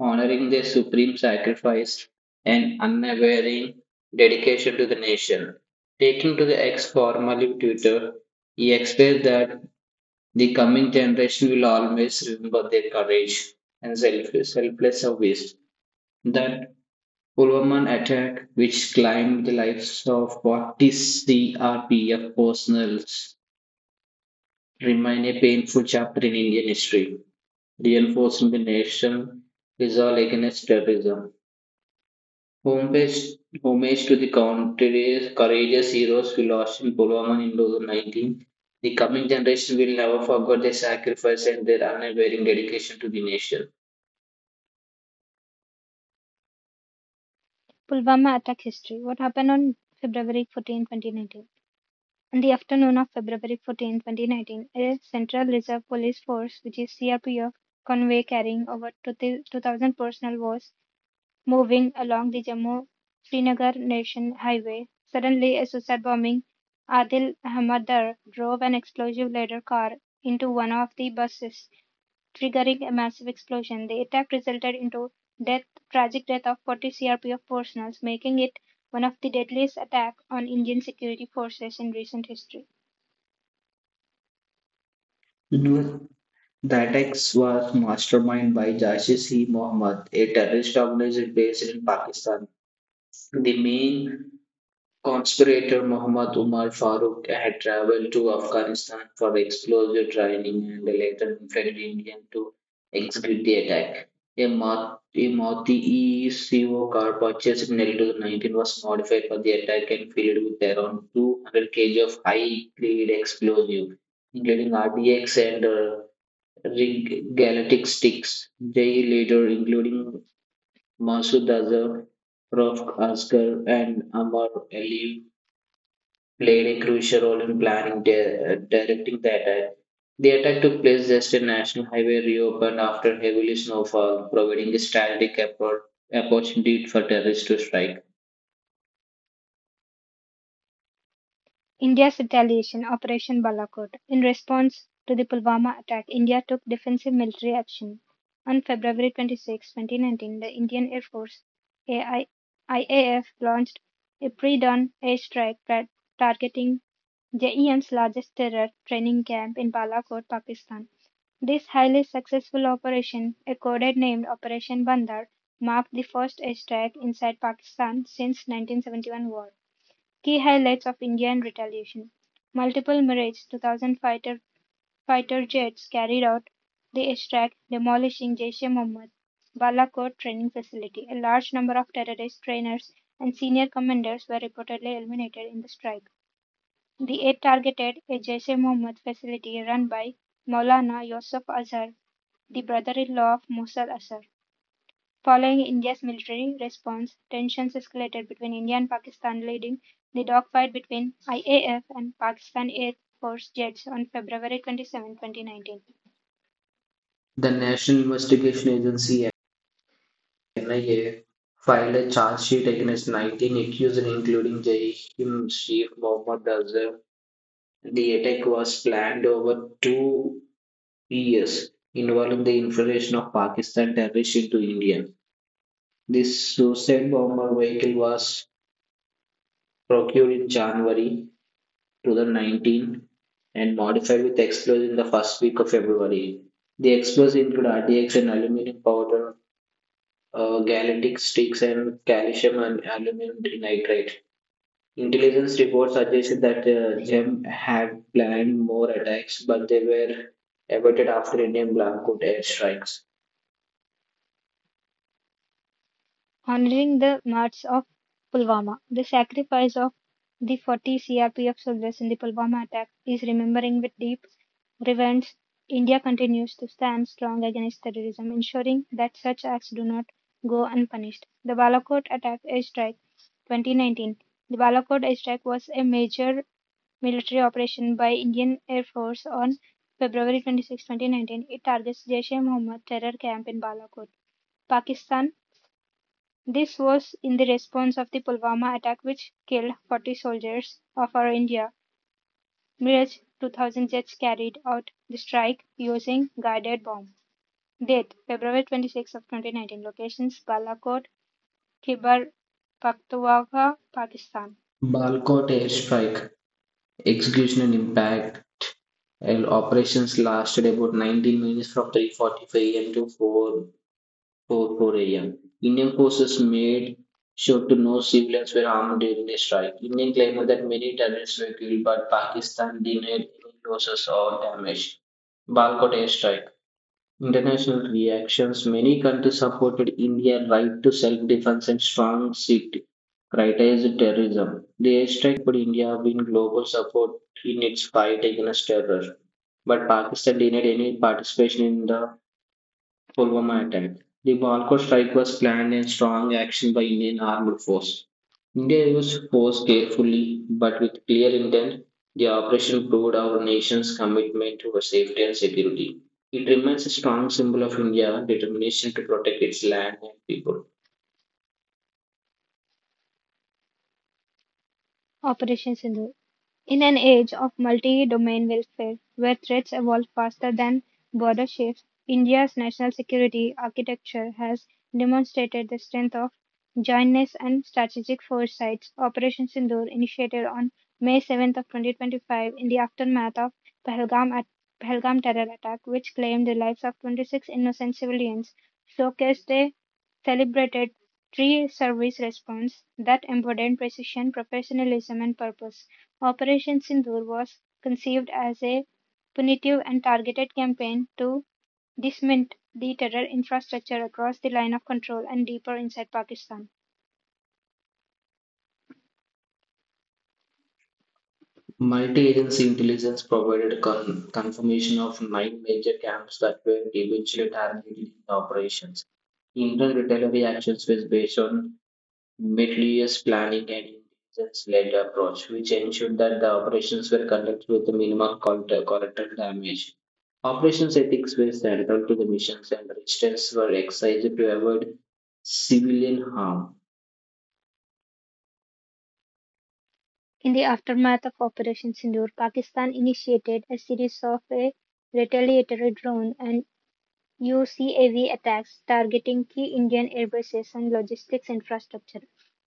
S2: honoring their supreme sacrifice and unwavering dedication to the nation. Taking to the ex formerly Twitter, he expressed that the coming generation will always remember their courage and selfless service. That Pulverman attack, which claimed the lives of 40 CRPF personnels, remain a painful chapter in Indian history, reinforcing the nation's resolve against terrorism. Homage, homage to the country's courageous heroes who lost in Pulverman in 2019. The coming generation will never forget their sacrifice and their unwavering dedication to the nation.
S1: Pulwama attack history. What happened on February 14, 2019? On the afternoon of February 14, 2019, a Central Reserve Police Force, which is CRPF, convoy carrying over 2,000 personnel was moving along the Jammu Srinagar Nation Highway. Suddenly, a suicide bombing Adil Ahmaddar drove an explosive laden car into one of the buses triggering a massive explosion. The attack resulted into death, tragic death of 40 CRPF personnel, making it one of the deadliest attacks on Indian security forces in recent history.
S2: The attacks was masterminded by Jaish-e Mohammed, a terrorist organization based in Pakistan. The main conspirator, Muhammad Umar Farooq, had traveled to Afghanistan for explosive training and later infected Indian to execute the attack. A Moti ECO car purchased in 2019 was modified for the attack and filled with around 200 kg of high-grade explosive, including RDX and Rig Galactic Sticks, Jay later, including Masud Azhar, Rauf Asghar, and Amar Ali, played a crucial role in planning directing the attack. The attack took place just as National Highway reopened after heavy snowfall, providing a strategic opportunity for terrorists to strike.
S1: India's retaliation, Operation Balakot. In response to the Pulwama attack, India took defensive military action. On February 26, 2019, the Indian Air Force IAF launched a pre dawn airstrike targeting JEM's largest terror training camp in Balakot, Pakistan. This highly successful operation, a code named Operation Bandar, marked the first airstrike inside Pakistan since 1971 war. Key highlights of Indian retaliation: Multiple Mirage 2000 fighter jets carried out the attack demolishing Jaish-e-Mohammed Balakot training facility. A large number of terrorist trainers and senior commanders were reportedly eliminated in the strike. The aid targeted a Jaish-e-Mohammed facility run by Maulana Yousaf Azhar, the brother-in-law of Mosul Azhar. Following India's military response, tensions escalated between India and Pakistan, leading the dogfight between IAF and Pakistan Air Force jets on February 27, 2019.
S2: The National Investigation Agency (NIA) filed a charge sheet against 19 accused, including Jaim Sheikh Mohammed Azhar. The attack was planned over 2 years, involving the infiltration of Pakistan terrorists into India. This suicide bomber vehicle was procured in January 2019 and modified with explosives in the first week of February. The explosives include RDX and aluminum powder, galactic sticks, and calcium and aluminum nitrate. Intelligence reports suggested that Gem had planned more attacks, but they were averted after Indian Blackcoat airstrikes.
S1: Honoring the martyrs of Pulwama. The sacrifice of the 40 CRPF soldiers in the Pulwama attack is remembering with deep reverence. India continues to stand strong against terrorism, ensuring that such acts do not go unpunished. The Balakot attack airstrike 2019. The Balakot airstrike was a major military operation by Indian Air Force on February 26, 2019. It targets Jaish e Mohammed terror camp in Balakot. Pakistan this was in the response of the Pulwama attack which killed 40 soldiers of our India. Mirage 2000 jets carried out the strike using guided bomb. Date February 26 of 2019. Locations Balakot, Khyber Pakhtunkhwa, Pakistan.
S2: Balkot airstrike, execution and impact, and operations lasted about 19 minutes from 3:45 am to 4:44 am. Indian forces made sure to no civilians were harmed during the strike. Indian claimed that many terrorists were killed, but Pakistan denied any losses or damage. Balkot airstrike. International reactions. Many countries supported India's right to self defense and strong city criticized terrorism. The airstrike helped India win global support in its fight against terror, but Pakistan denied any participation in the Pulwama attack. The Malco strike was planned in strong action by Indian armed force. India used force carefully but with clear intent. The operation proved our nation's commitment to safety and security. It remains a strong symbol of India's determination to protect its land and people.
S1: Operation Sindhu. In an age of multi-domain welfare, where threats evolve faster than border shifts, India's national security architecture has demonstrated the strength of jointness and strategic foresight. Operation Sindoor, initiated on May 7th of 2025 in the aftermath of Pahalgam, Pahalgam terror attack, which claimed the lives of 26 innocent civilians, showcased a celebrated three service response that embodied precision, professionalism, and purpose. Operation Sindoor was conceived as a punitive and targeted campaign to dismantle the terror infrastructure across the line of control and deeper inside Pakistan.
S2: Multi agency intelligence provided confirmation of nine major camps that were eventually targeted in the operations. Indian retaliatory actions was based on meticulous planning and intelligence-led approach, which ensured that the operations were conducted with minimal collateral damage. Operations ethics were central to the missions, and resistance were exercised to avoid civilian harm.
S1: In the aftermath of Operation Sindoor, Pakistan initiated a series of retaliatory drone and UCAV attacks targeting key Indian airbases and logistics infrastructure.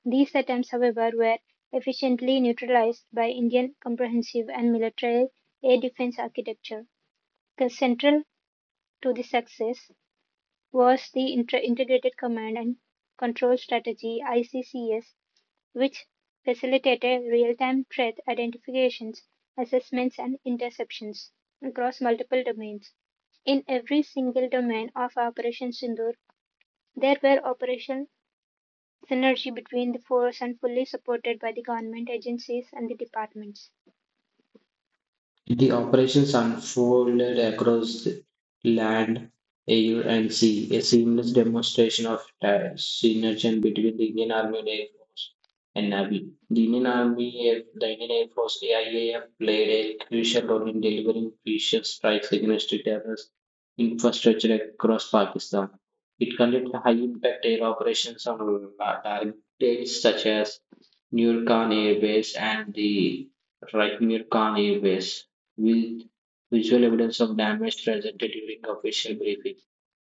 S1: These attempts, however, were efficiently neutralized by Indian comprehensive and military air defense architecture. Central to the success was the Integrated Command and Control Strategy (ICCS), which facilitated real-time threat identifications, assessments, and interceptions across multiple domains. In every single domain of Operation Sindoor, there were operational synergy between the force and fully supported by the government agencies and the departments.
S2: The operations unfolded across land, air, and sea, a seamless demonstration of synergy between the Indian Army and Air Force and Navy. The Indian Air Force AIAF played a crucial role in delivering crucial strikes against terrorist infrastructure across Pakistan. It conducted high-impact air operations on targets such as Nur Khan Air Base and the Rajmir Khan Air Base with visual evidence of damage presented during official briefing.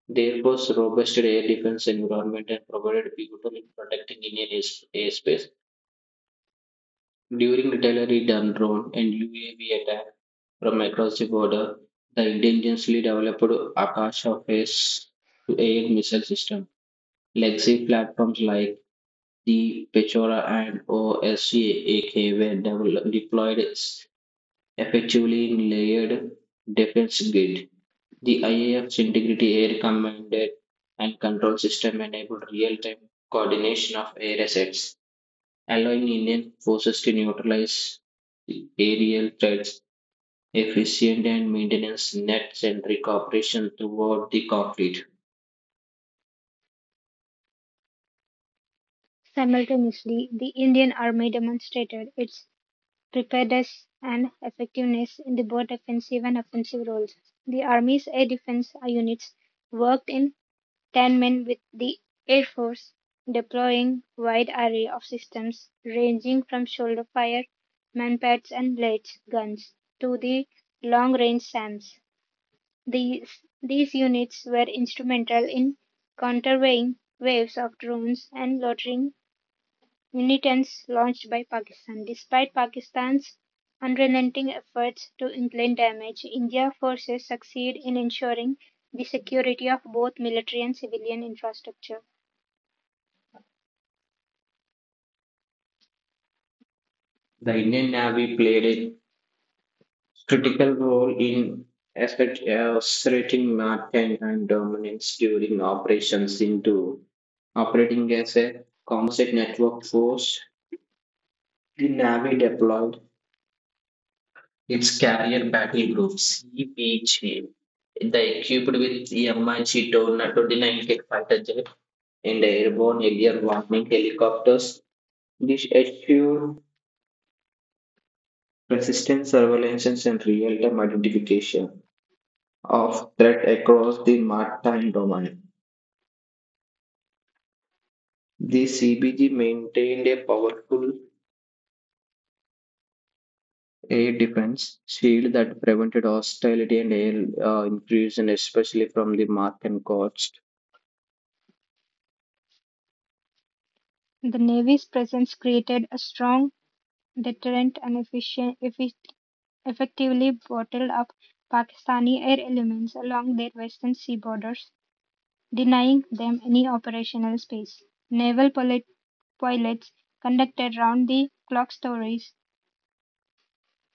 S2: The air was robust air defense environment and provided pivotal in protecting Indian airspace. During artillery done drone and UAV attack from across the border, the indigenously developed Akash surface to air missile system. Legacy platforms like the Pechora and OSCAK were developed, deployed effectively in layered defense grid. The IAF's Integrity Air Command and Control System enabled real time coordination of air assets, allowing Indian forces to neutralize the aerial threats, efficient and maintenance net centric operation throughout the conflict.
S1: Simultaneously, the Indian Army demonstrated its preparedness and effectiveness in the both defensive and offensive roles. The Army's air defense units worked in tandem with the Air Force, deploying a wide array of systems ranging from shoulder fire, manpads and lead guns to the long-range SAMs. These, these units were instrumental in countervailing waves of drones and loitering militants launched by Pakistan. Despite Pakistan's unrelenting efforts to inflict damage, Indian forces succeed in ensuring the security of both military and civilian infrastructure.
S2: The Indian Navy played a critical role in asserting maritime dominance during operations into operating as a composite network force. The Navy deployed Its carrier battle group CBG, the equipped with MiG Tornado 9K fighter jet and airborne earlier warning helicopters, this assured persistent surveillance and real-time identification of threat across the maritime domain. The CBG maintained a powerful air defense shield that prevented hostility and air intrusion, especially from the Martian coast.
S1: The Navy's presence created a strong deterrent and effectively bottled up Pakistani air elements along their western sea borders, denying them any operational space. Naval pilots conducted round the clock stories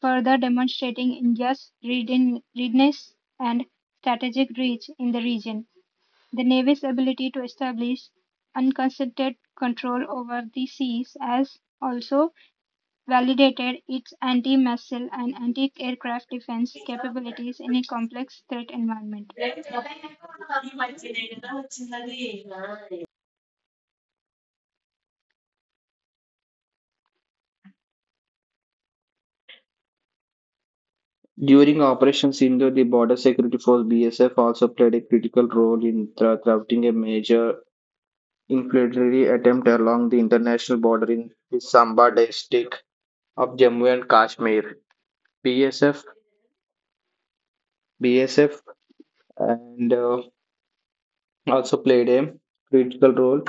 S1: further demonstrating India's readiness and strategic reach in the region. The Navy's ability to establish uncontested control over the seas has also validated its anti missile and anti aircraft defense capabilities in a complex threat environment.
S2: During Operation Sindhu, the Border Security Force (BSF) also played a critical role in thwarting a major infiltratory attempt along the international border in the Samba district of Jammu and Kashmir. BSF, BSF, and also played a critical role.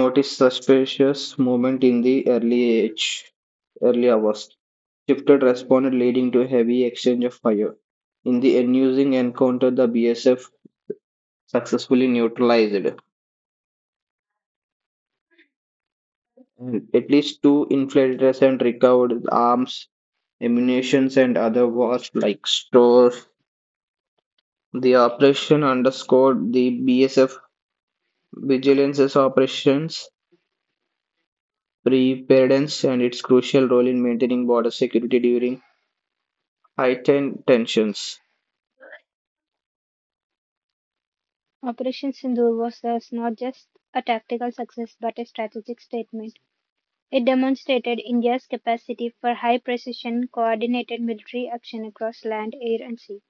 S2: Noticed suspicious movement in the early age, early hours. Shifted responded, leading to a heavy exchange of fire. In the ensuing encounter, the BSF successfully neutralized and at least two infiltrators and recovered arms, ammunition, and other war-like stores. The operation underscored the BSF vigilance's operations preparedness and its crucial role in maintaining border security during heightened tensions.
S1: Operation Sindoor was thus not just a tactical success but a strategic statement. It demonstrated India's capacity for high-precision, coordinated military action across land, air and sea.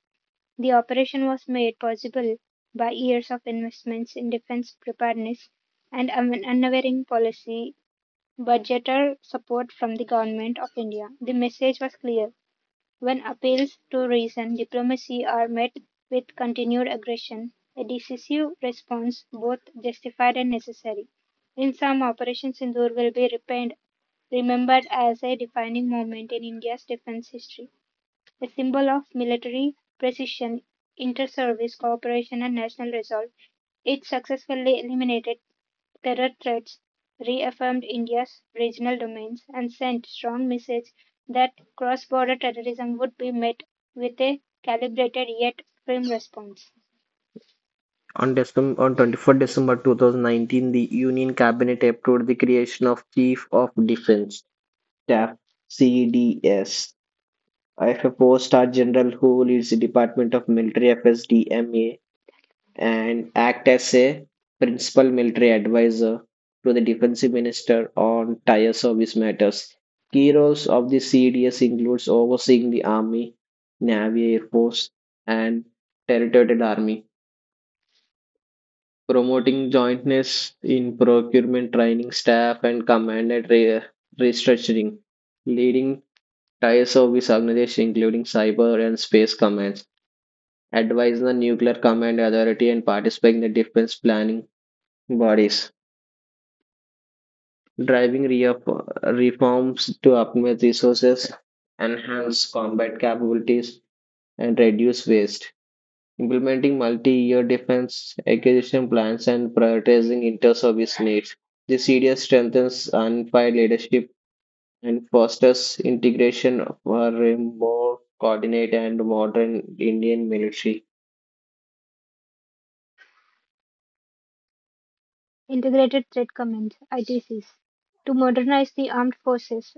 S1: The operation was made possible by years of investments in defense preparedness and unwavering policy budgeter support from the Government of India. The message was clear when appeals to reason diplomacy are met with continued aggression, a decisive response, both justified and necessary. In some, Operation Sindoor will be remembered as a defining moment in India's defense history. A symbol of military precision, inter-service cooperation and national resolve, it successfully eliminated terror threats, reaffirmed India's regional domains, and sent strong message that cross-border terrorism would be met with a calibrated yet firm response.
S2: On 24 December 2019, the Union Cabinet approved the creation of Chief of Defense Staff CDS IFFO Star General, who leads the Department of Military Affairs (DMA) and act as a principal military advisor to the Defence minister on tire service matters. Key roles of the CDS includes overseeing the army, navy, air force, and territorial army, promoting jointness in procurement, training staff, and command and restructuring, leading tire service organizations including cyber and space commands advise the nuclear command authority, and participate in the defense planning bodies. Driving reforms to optimize resources, enhance combat capabilities, and reduce waste. Implementing multi year defense acquisition plans and prioritizing inter service needs. The CDS strengthens unified leadership and fosters integration for a more coordinated and modern Indian military.
S1: Integrated Threat Commands (ITCs) to modernize the armed forces.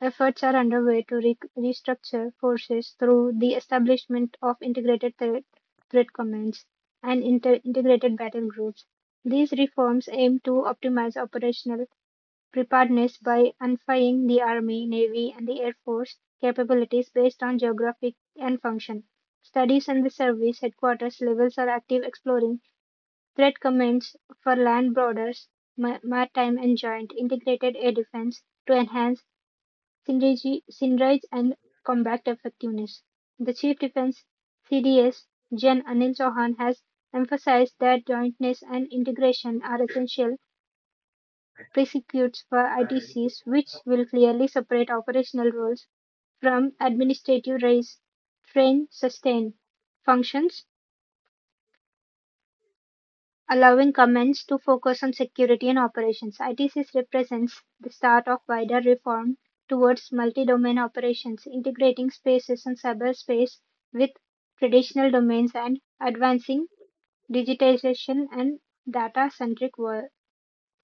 S1: Efforts are underway to restructure forces through the establishment of integrated threat commands and integrated battle groups. These reforms aim to optimize operational preparedness by unifying the Army, Navy, and the Air Force capabilities based on geographic and function. Studies in the service headquarters levels are active exploring threat commands for land borders, maritime, and joint integrated air defense to enhance Synergy synergize, and Combat Effectiveness. The Chief Defence CDS Gen Anil Chauhan has emphasised that jointness and integration are essential prerequisites for ITCs, which will clearly separate operational roles from administrative raise, train, sustain functions. Allowing commands to focus on security and operations, ITC's represents the start of wider reform towards multi-domain operations, integrating spaces and cyberspace with traditional domains and advancing digitization and data-centric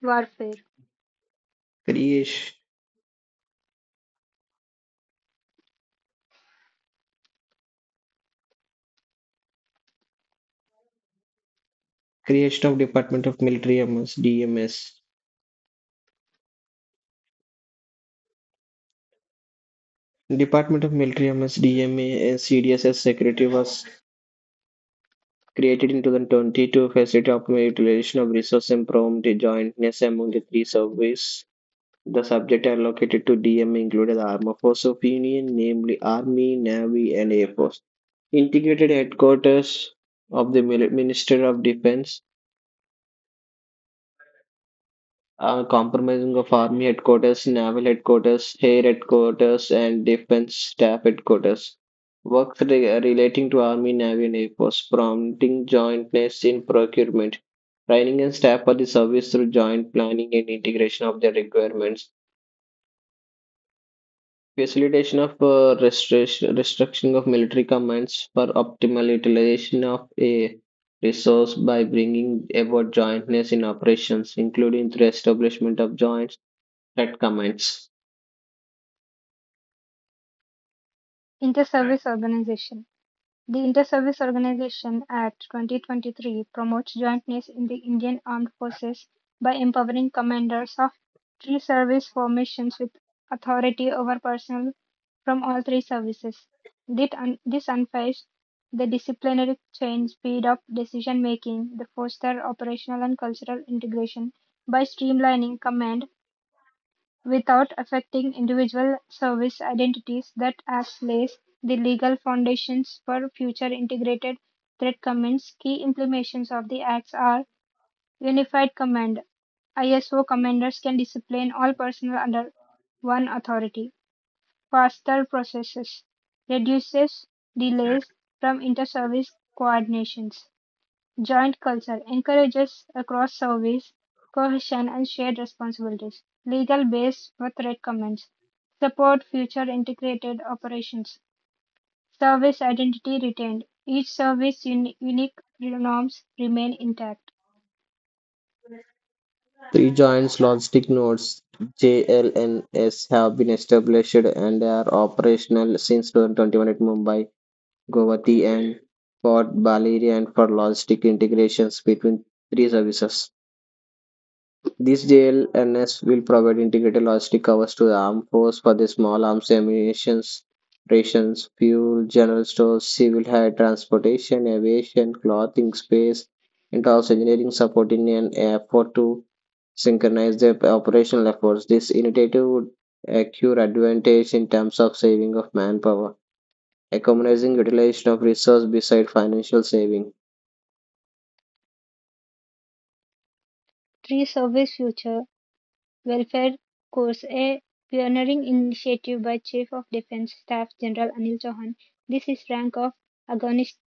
S1: warfare.
S2: Kriyesh, Creation of Department of Military Affairs DMS. Department of Military Affairs DMA and CDSS Secretary was created in 2020 to facilitate optimal utilization of resources and prompt jointness among the three services. The subjects allocated to DMA included the Armed Forces of Union, namely Army, Navy, and Air Force. Integrated headquarters of the Minister of Defense comprising of Army headquarters, Naval headquarters, Air headquarters, and Defense Staff headquarters. Works relating to Army, Navy, and Air Force, prompting jointness in procurement, training and staff for the service through joint planning and integration of their requirements, facilitation of restriction of military commands for optimal utilization of a resource by bringing about jointness in operations, including through establishment of joint that comments.
S1: Inter-service organization. The Inter-Service Organization Act 2023 promotes jointness in the Indian Armed Forces by empowering commanders of three service formations with authority over personnel from all three services. This unifies the disciplinary chain, speed up decision making, the foster operational and cultural integration by streamlining command without affecting individual service identities. That Act lays the legal foundations for future integrated threat commands. Key implementations of the Acts are Unified Command. ISO commanders can discipline all personnel under one authority. Faster processes reduces delays from inter-service coordinations. Joint culture encourages across service cohesion and shared responsibilities. Legal base with recommends support future integrated operations. Service identity retained. Each service unique norms remain intact.
S2: Three giant logistic nodes (JLNs) have been established and are operational since 2021 at Mumbai, Guwahati, and Port Balleri and for logistic integrations between three services. These JLNs will provide integrated logistic covers to the armed force for the small arms ammunition, rations, fuel, general stores, civil air transportation, aviation, clothing, space, and also engineering support in an effort to synchronize their operational efforts. This initiative would accrue advantage in terms of saving of manpower, economizing utilization of resource beside financial saving.
S1: Three service future Welfare course, a pioneering initiative by Chief of Defence Staff General Anil Chauhan. This is rank of Agonist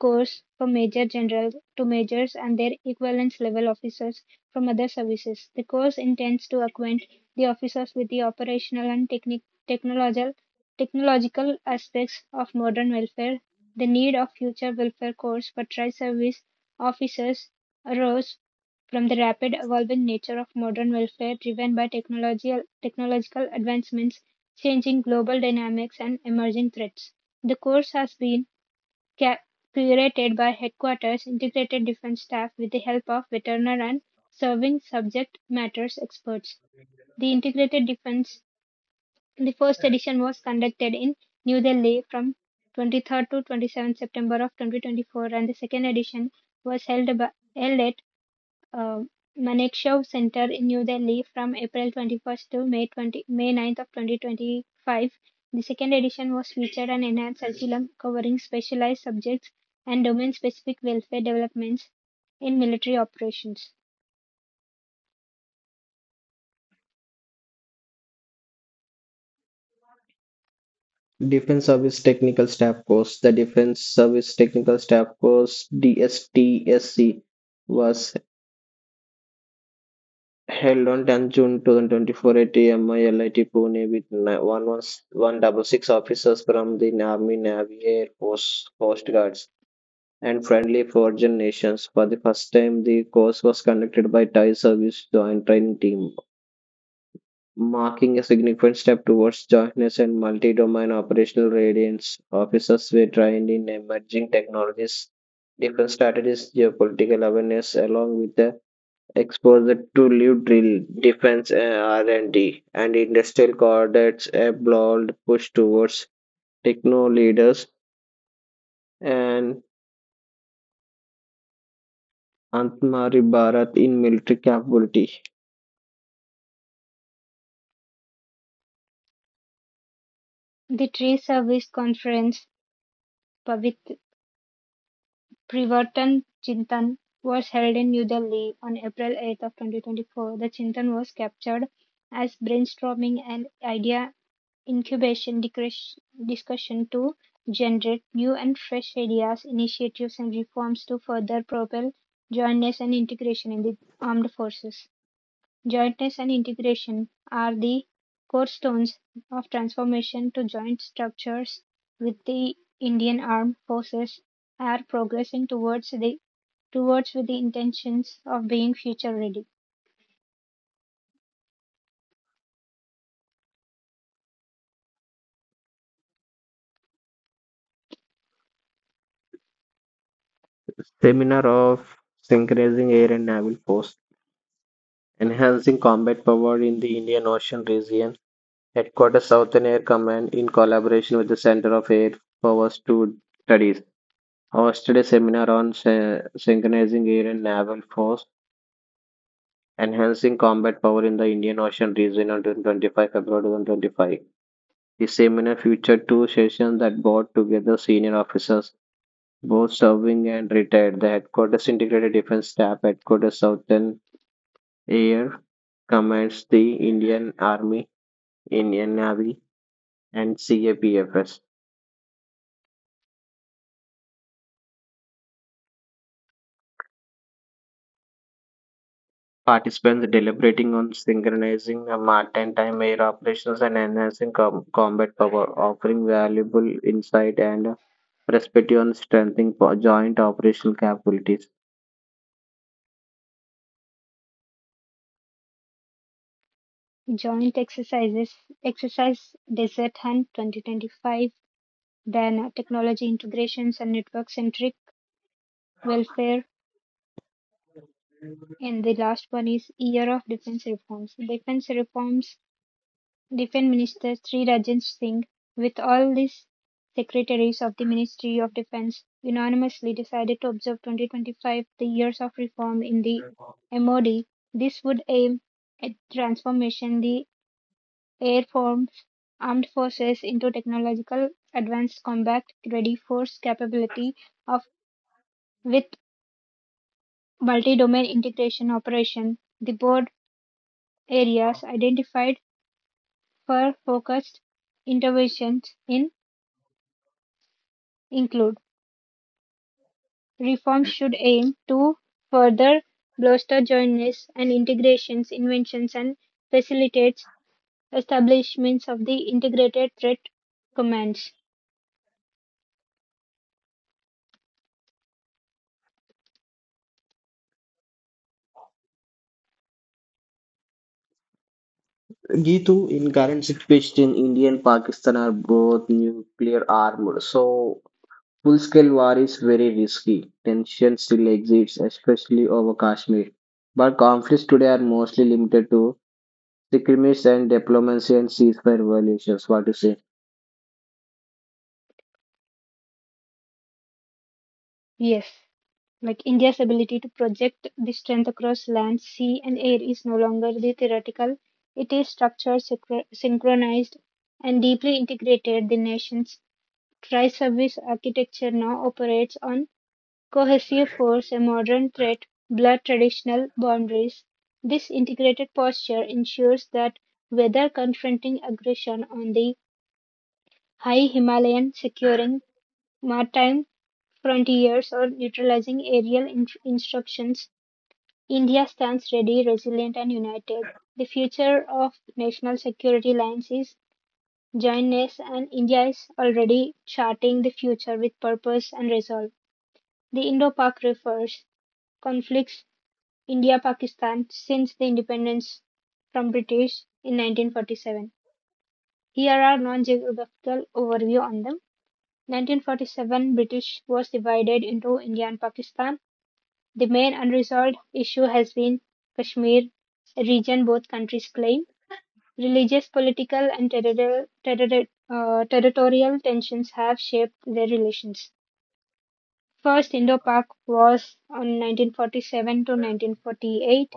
S1: course for Major Generals to Majors and their equivalence level officers from other services. The course intends to acquaint the officers with the operational and technological aspects of modern welfare. The need of future welfare course for tri service officers arose from the rapid evolving nature of modern welfare driven by technological advancements, changing global dynamics, and emerging threats. The course has been ca- curated by Headquarters Integrated Defense Staff with the help of veteran and serving subject matters experts. The Integrated Defense, the first edition was conducted in New Delhi from 23rd to 27th September of 2024, and the second edition was held at uh, Manekshaw Center in New Delhi from April 21st to May 9th of 2025. The second edition was featured an enhanced curriculum covering specialized subjects and domain-specific welfare developments in military operations.
S2: Defense Service Technical Staff Course. The Defense Service Technical Staff Course DSTSC was held on 10 June 2024 at MILIT Pune with 111 166 officers from the Army, Navy, Air Force, Coast Guards and friendly foreign nations. For the first time, the course was conducted by Thai service joint training team, marking a significant step towards jointness and multi-domain operational readiness. Officers were trained in emerging technologies, defense strategies, geopolitical awareness, along with the exposure to live drill, defense R&D, and D, and industrial coordinates, a bold push towards techno leaders and Antmari Bharat in military capability.
S1: The Tree Service Conference Pavit- Privartan Chintan was held in New Delhi on April 8th of 2024. The Chintan was captured as brainstorming and idea incubation discussion to generate new and fresh ideas, initiatives, and reforms to further propel jointness and integration in the armed forces. Jointness and integration are the core stones of transformation to joint structures with the Indian armed forces are progressing towards the towards with the intentions of being future ready.
S2: Seminar of Synchronizing Air and Naval Force, Enhancing Combat Power in the Indian Ocean Region, Headquarters Southern Air Command in collaboration with the Center of Air Force, to Studies, hosted a seminar on synchronizing air and naval force, enhancing combat power in the Indian Ocean region on 25 February 2025. The seminar featured two sessions that brought together senior officers, both serving and retired. The headquarters integrated defense staff, headquarters Southern Air commands the Indian Army, Indian Navy, and CAPFS. Participants deliberating on synchronizing the maritime air operations and enhancing combat power, offering valuable insight and perspective on strengthening joint operational capabilities.
S1: Joint exercise Desert Hunt 2025. Then technology integrations and network-centric welfare. And the last one is year of defense reforms. Defense reforms, defense minister Sri Rajan Singh, with all these secretaries of the Ministry of Defense, unanimously decided to observe 2025 the years of reform in the MOD. This would aim at transformation the air force armed forces into technological advanced combat ready force capability of with multi-domain integration operation. The board areas identified for focused interventions in include reforms should aim to further bolster jointness and integrations inventions and facilitates establishments of the integrated threat commands.
S2: Gitu, in current situation, India and Pakistan are both nuclear armed. So, full scale war is very risky. Tension still exists, especially over Kashmir. But conflicts today are mostly limited to disagreements and diplomacy and ceasefire violations. What do you say?
S1: Yes. Like India's ability to project this strength across land, sea, and air is no longer the theoretical. It is structured, synchronized, and deeply integrated. The nation's tri service architecture now operates on cohesive force, a modern threat, blur traditional boundaries. This integrated posture ensures that whether confronting aggression on the high Himalayan, securing maritime frontiers, or neutralizing aerial instructions, India stands ready, resilient and united. The future of national security lines is jointness and India is already charting the future with purpose and resolve. The Indo-Pak refers conflicts India-Pakistan since the independence from British in 1947. Here are non-geographical overview on them. 1947, British was divided into India and Pakistan. The main unresolved issue has been Kashmir region both countries claim. Religious, political, and territorial tensions have shaped their relations. First Indo-Pak Wars on 1947 to 1948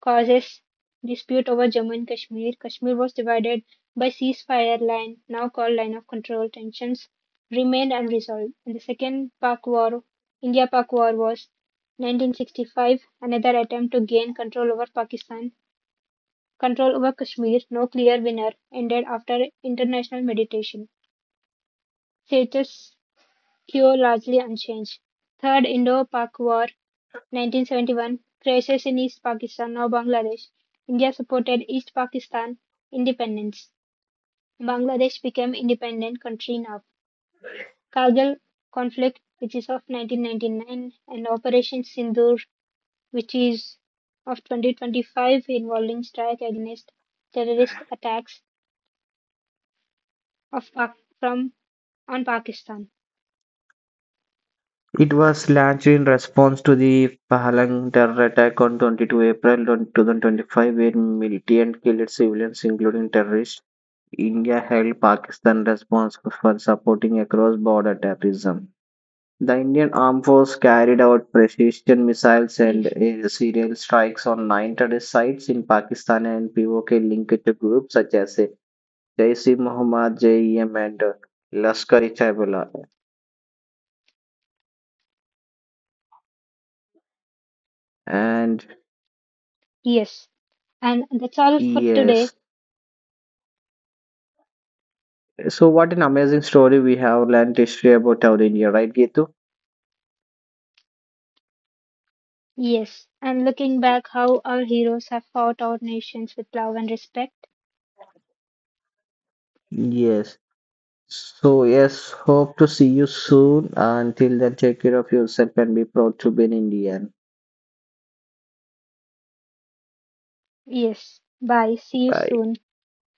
S1: causes dispute over Jammu and Kashmir. Kashmir was divided by ceasefire line, now called line of control. Tensions remained unresolved. And the second Pak War, India-Pak War, was 1965. Another attempt to gain control over Pakistan, control over Kashmir, no clear winner, ended after international mediation. Status quo largely unchanged. Third Indo-Pak War, 1971, crisis in East Pakistan, now Bangladesh. India supported East Pakistan independence. Bangladesh became independent country now. Kargil conflict, which is of 1999, and Operation Sindoor, which is of 2025, involving strike against terrorist attacks of from on Pakistan.
S2: It was launched in response to the Pahalgam terror attack on 22 April 2025, where militants killed civilians, including terrorists. India held Pakistan responsible for supporting across border terrorism. The Indian Armed Force carried out precision missiles and
S1: Yes.
S2: air serial strikes on nine terrorist sites in Pakistan and POK linked to groups such as Jaish e Mohammed, JEM, and Lashkar-e-Taiba, and
S1: Yes. And that's all for
S2: yes.
S1: today.
S2: So what an amazing story we have learned history about our India, right, Getu?
S1: Yes, and looking back, how our heroes have fought our nations with love and respect.
S2: Yes. So yes, hope to see you soon. Until then, take care of yourself and be proud to be an Indian.
S1: Yes, bye. See you
S2: Bye.
S1: soon.